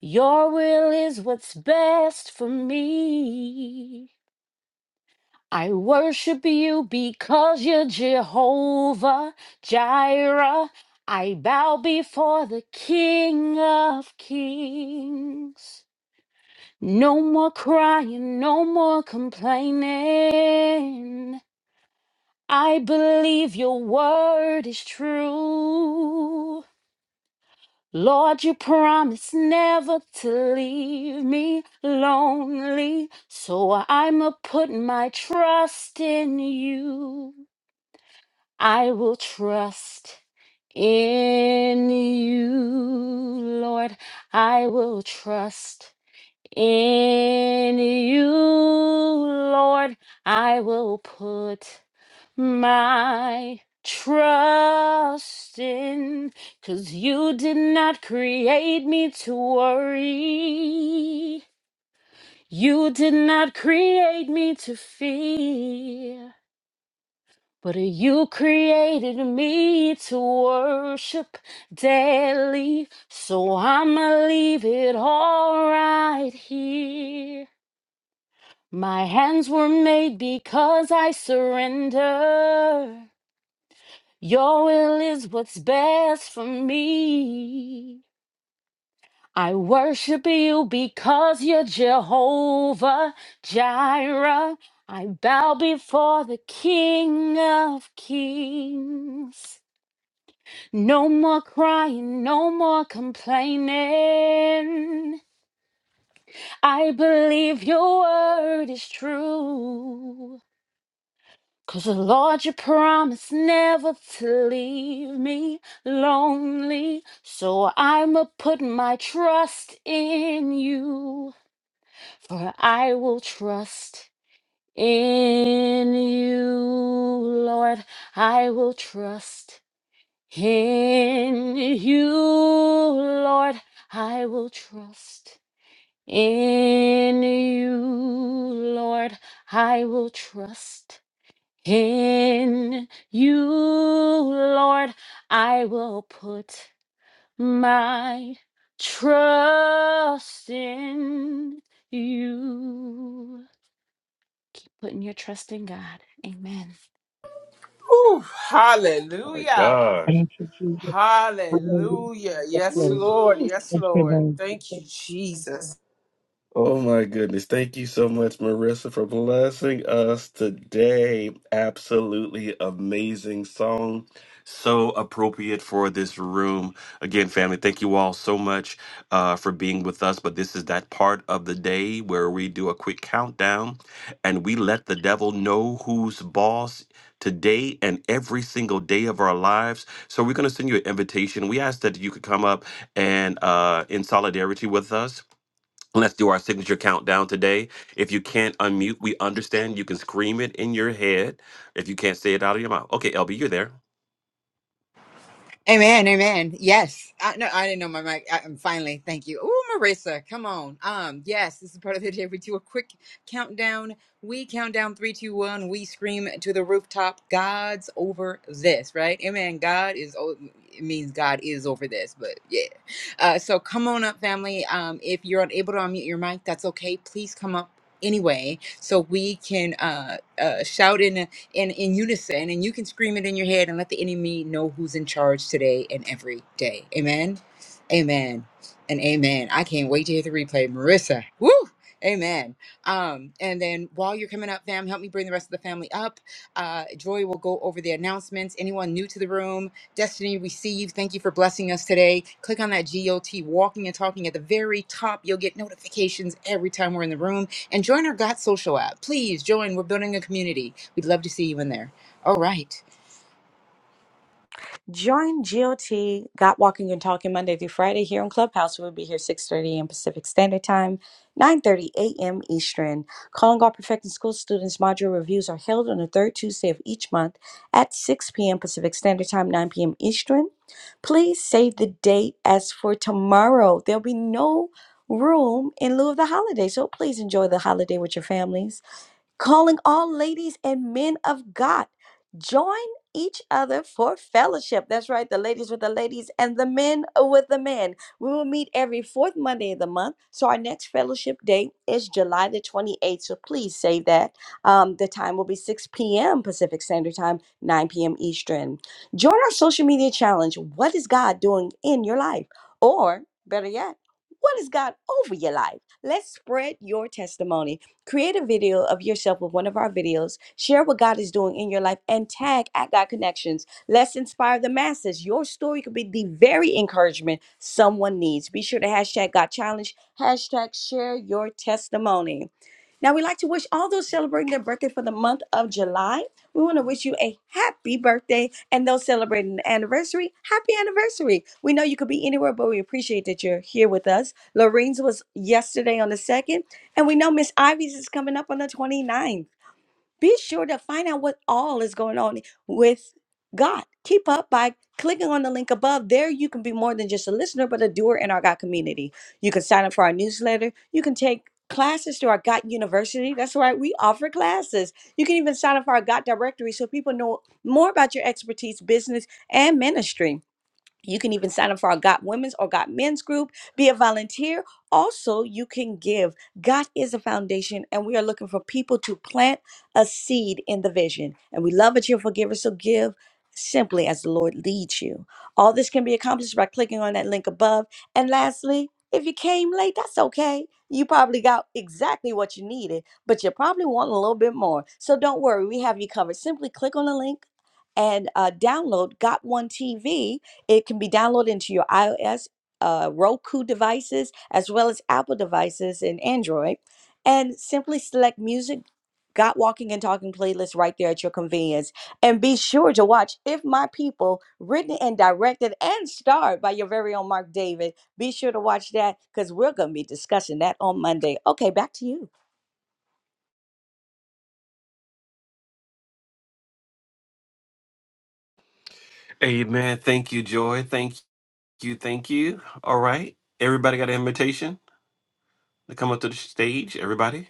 [SPEAKER 11] Your will is what's best for me. I worship you because you're Jehovah Jireh. I bow before the King of Kings. No more crying, no more complaining. I believe your word is true. Lord, you promised never to leave me lonely, so I'ma put my trust in you. I will trust in you, Lord. I will trust in you, Lord. I will put my trust in Cause you did not create me to worry. You did not create me to fear, but you created me to worship daily. So I'ma leave it all right here. My hands were made because I surrender. Your will is what's best for me. I worship you because you're Jehovah Jireh. I bow before the King of Kings. No more crying, no more complaining. I believe your word is true. Cause the Lord, you promised never to leave me lonely. So I'ma put my trust in you. For I will trust in you, Lord. I will trust in you, Lord. I will trust in you, Lord. I will trust in you, Lord. I will put my trust in you. Keep putting your trust in God. Amen.
[SPEAKER 6] Ooh,
[SPEAKER 1] My
[SPEAKER 6] hallelujah.
[SPEAKER 1] God.
[SPEAKER 9] Thank you, Jesus. Hallelujah.
[SPEAKER 6] Hallelujah.
[SPEAKER 9] Yes,
[SPEAKER 6] Yes,
[SPEAKER 9] Lord.
[SPEAKER 6] Lord. Yes,
[SPEAKER 9] Yes,
[SPEAKER 6] Lord.
[SPEAKER 9] Lord.
[SPEAKER 6] Thank you, Jesus.
[SPEAKER 1] Oh my goodness. Thank you so much, Marissa, for blessing us today. Absolutely amazing song. So appropriate for this room. Again, family, thank you all so much uh, for being with us. But this is that part of the day where we do a quick countdown and we let the devil know who's boss today and every single day of our lives. So we're going to send you an invitation. We ask that you could come up and uh, in solidarity with us Let's do our signature countdown today. If you can't unmute, we understand. You can scream it in your head if you can't say it out of your mouth. Okay, LB, you're there.
[SPEAKER 2] Amen, amen. Yes, I, no, I didn't know my mic. I, am finally, thank you. Oh, Marissa, come on. Um, yes, this is part of the day we do a quick countdown. We count down three, two, one. We scream to the rooftop. God's over this, right? Amen. God is. o- It means God is over this, but yeah. Uh, so come on up, family. Um, if you're unable to unmute your mic, that's okay. Please come up anyway, so we can uh, uh shout in in, in unison, and you can scream it in your head and let the enemy know who's in charge today and every day. Amen. Amen. And amen. I can't wait to hear the replay. Marissa. Woo! Amen. Um, and then while you're coming up, fam, help me bring the rest of the family up. Uh, Joy will go over the announcements. Anyone new to the room, Destiny, we see you. Thank you for blessing us today. Click on that GOT walking and talking at the very top. You'll get notifications every time we're in the room and join our Got Social app. Please join. We're building a community. We'd love to see you in there. All right.
[SPEAKER 5] Join GOT Got Walking and Talking Monday through Friday here on Clubhouse. We'll be here 6:30 a.m. Pacific Standard Time, 9:30 a.m. Eastern. Calling all Perfecting School students module reviews are held on the third Tuesday of each month at 6 p.m. Pacific Standard Time, 9 p.m. Eastern. Please save the date as for tomorrow. There'll be no room in lieu of the holiday, so please enjoy the holiday with your families calling all ladies and men of God. Join each other for fellowship. That's right, the ladies with the ladies and the men with the men. We will meet every fourth Monday of the month. So our next fellowship date is July the 28th. So please save that. Um, the time will be 6 p.m. Pacific Standard Time, 9 p.m. Eastern. Join our social media challenge. What is God doing in your life? Or better yet, what is God over your life? Let's spread your testimony. Create a video of yourself with one of our videos. Share what God is doing in your life and tag at God Connections. Let's inspire the masses. Your story could be the very encouragement someone needs. Be sure to hashtag God Challenge, hashtag share your testimony. Now, we'd like to wish all those celebrating their birthday for the month of July. We want to wish you a happy birthday and those celebrating the anniversary, happy anniversary. We know you could be anywhere, but we appreciate that you're here with us. Lorene's was yesterday on the 2nd. And we know Miss Ivy's is coming up on the twenty ninth. Be sure to find out what all is going on with God. Keep up by clicking on the link above. There, you can be more than just a listener, but a doer in our God community. You can sign up for our newsletter. You can take classes to our God University. That's right, we offer classes. You can even sign up for our God Directory so people know more about your expertise, business, and ministry. You can even sign up for our Got Women's or Got Men's group, be a volunteer. Also, you can give. God is a foundation, and we are looking for people to plant a seed in the vision. And we love that you're forgivers, so give simply as the Lord leads you. All this can be accomplished by clicking on that link above. And lastly, if you came late, that's okay. You probably got exactly what you needed, but you probably want a little bit more. So don't worry, we have you covered. Simply click on the link and uh, download Got One TV it can be downloaded into your iOS, uh, Roku devices, as well as Apple devices and Android. And simply select music, God Walking and Talking playlist right there at your convenience. And be sure to watch If My People, written and directed and starred by your very own Mark David. Be sure to watch that because we're going to be discussing that on Monday. Okay, back to you.
[SPEAKER 1] Amen. Thank you, Joy. Thank you. Thank you. All right. Everybody got an invitation to come up to the stage? Everybody?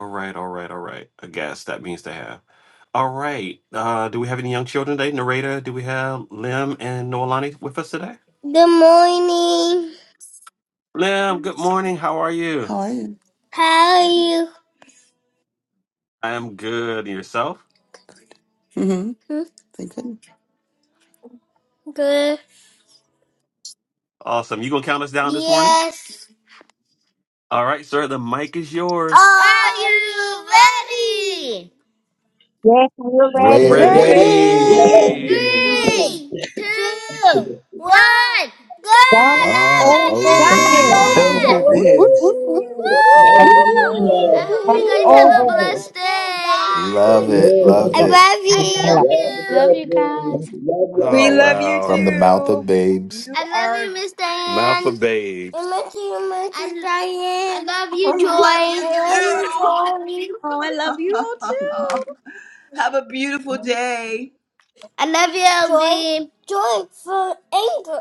[SPEAKER 1] All right. All right. All right. I guess that means to have. All right. Uh, do we have any young children today? Narrator, do we have Lim and Noelani with us today?
[SPEAKER 12] Good morning.
[SPEAKER 1] Lim, good morning. How are you?
[SPEAKER 12] How are you? How are you?
[SPEAKER 1] I am good. And yourself?
[SPEAKER 12] Mm-hmm. Hmm? Thank good. Good.
[SPEAKER 1] Awesome. You gonna count us down this morning?
[SPEAKER 12] Yes.
[SPEAKER 1] All right, sir, the mic is yours.
[SPEAKER 12] Are you ready?
[SPEAKER 9] Yes, we're
[SPEAKER 1] We're
[SPEAKER 4] We're
[SPEAKER 9] ready.
[SPEAKER 13] Get
[SPEAKER 4] ready.
[SPEAKER 5] Ready?
[SPEAKER 13] ready.
[SPEAKER 1] ready.
[SPEAKER 12] Three, two, one. Go
[SPEAKER 9] That's
[SPEAKER 4] Are
[SPEAKER 9] over
[SPEAKER 5] God
[SPEAKER 10] God
[SPEAKER 13] Man
[SPEAKER 9] this.
[SPEAKER 5] over.
[SPEAKER 4] overdue.
[SPEAKER 13] is
[SPEAKER 10] over
[SPEAKER 12] again!
[SPEAKER 13] over.
[SPEAKER 4] Woo, woo,
[SPEAKER 10] this.
[SPEAKER 4] woo, woo,
[SPEAKER 5] Woo,
[SPEAKER 13] there.
[SPEAKER 5] woo, woo,
[SPEAKER 4] woo.
[SPEAKER 12] Woo!
[SPEAKER 10] Woohoo!
[SPEAKER 12] I
[SPEAKER 13] Hallelujah.
[SPEAKER 12] hope
[SPEAKER 9] That's
[SPEAKER 12] you guys
[SPEAKER 10] Woohoo!
[SPEAKER 12] have
[SPEAKER 9] over
[SPEAKER 12] a
[SPEAKER 1] Woo!
[SPEAKER 9] this.
[SPEAKER 13] Woo!
[SPEAKER 12] blessed day.
[SPEAKER 4] Love it. Love
[SPEAKER 12] I
[SPEAKER 13] Amen.
[SPEAKER 4] it.
[SPEAKER 12] love you. I
[SPEAKER 9] Thank
[SPEAKER 12] love
[SPEAKER 13] God
[SPEAKER 11] Love
[SPEAKER 12] you.
[SPEAKER 13] bless
[SPEAKER 11] you
[SPEAKER 13] you.
[SPEAKER 11] guys.
[SPEAKER 13] Love
[SPEAKER 5] woo. We
[SPEAKER 2] We
[SPEAKER 5] love
[SPEAKER 1] Oh,
[SPEAKER 13] y'all.
[SPEAKER 2] love you
[SPEAKER 1] wow.
[SPEAKER 4] From the
[SPEAKER 5] you.
[SPEAKER 4] mouth of
[SPEAKER 2] too.
[SPEAKER 4] babes.
[SPEAKER 2] You
[SPEAKER 12] I love
[SPEAKER 2] are.
[SPEAKER 12] you, Miss
[SPEAKER 1] Mouth
[SPEAKER 12] Diane.
[SPEAKER 1] of
[SPEAKER 12] I
[SPEAKER 1] babes.
[SPEAKER 12] love you, I Diane. I love
[SPEAKER 3] (laughs)
[SPEAKER 12] you, Joy.
[SPEAKER 3] Love you
[SPEAKER 12] I love
[SPEAKER 3] too.
[SPEAKER 12] you, Joy.
[SPEAKER 5] Oh, I love you all
[SPEAKER 3] (laughs)
[SPEAKER 5] too.
[SPEAKER 3] Have a beautiful day.
[SPEAKER 12] I love you, Joy, LB. joy for Angel.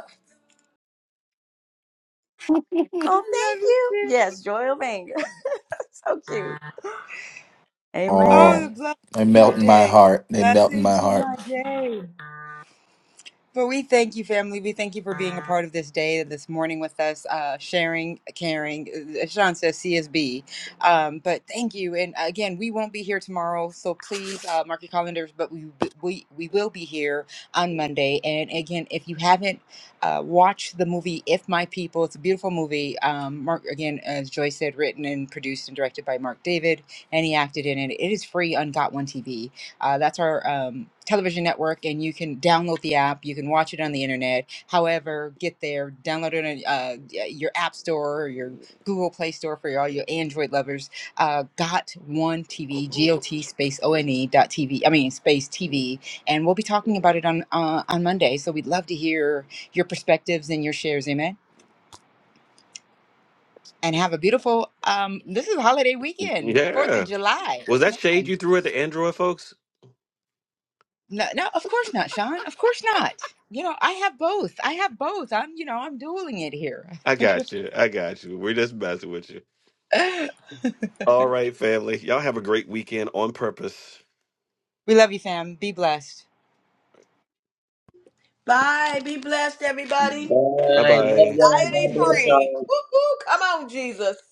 [SPEAKER 5] Oh,
[SPEAKER 2] I love
[SPEAKER 5] thank
[SPEAKER 2] you
[SPEAKER 5] you.
[SPEAKER 2] too.
[SPEAKER 5] Yes, Joy Ovanga. (laughs) so cute.
[SPEAKER 2] Oh,
[SPEAKER 5] Amen.
[SPEAKER 2] the blessing
[SPEAKER 4] They
[SPEAKER 2] to my
[SPEAKER 4] melt in my
[SPEAKER 2] day. The
[SPEAKER 4] heart. They melt in
[SPEAKER 2] blessing
[SPEAKER 4] my
[SPEAKER 2] to
[SPEAKER 4] heart.
[SPEAKER 2] my day. But we thank you, family. We thank you for being a part of this day, this morning with us, uh, sharing, caring. As Sean says CSB. Um, but thank you. And again, we won't be here tomorrow. So please uh, mark your calendars, but we, we, we will be here on Monday. And again, if you haven't uh, watched the movie If My People, it's a beautiful movie. Um, Mark, again, as Joyce said, written and produced and directed by Mark David, and he acted in it. It is free on Got One TV uh, that's our um, television network, and you can download the app. You can watch it on the internet. However, get there, download it on uh, y- your app store or your Google Play Store for all your Android lovers. Uh, Got One TV, G O T space O N E dot TV. I mean space TV, and we'll be talking about it on uh, on Monday. So we'd love to hear your perspectives and your shares. Amen. And have a beautiful um, this is a holiday weekend, Fourth of
[SPEAKER 1] Yeah.
[SPEAKER 2] July.
[SPEAKER 1] Was that shade
[SPEAKER 2] Amen.
[SPEAKER 1] you threw at the Android folks?
[SPEAKER 2] No, no, of course not, Sean. Of course not. You know, I have both. I have both. I'm, you know, I'm dueling it here.
[SPEAKER 1] I got you. I got you. We're just messing with you.
[SPEAKER 2] (laughs)
[SPEAKER 1] All right, family. Y'all have a great weekend on purpose.
[SPEAKER 2] we love you, fam. Be blessed.
[SPEAKER 3] Bye. Be blessed, everybody.
[SPEAKER 1] Bye
[SPEAKER 13] Bye. Love
[SPEAKER 1] bye.
[SPEAKER 13] y'all.
[SPEAKER 3] Anxiety
[SPEAKER 13] God bless
[SPEAKER 3] free.
[SPEAKER 13] y'all.
[SPEAKER 3] Woo-hoo. Come on, Jesus.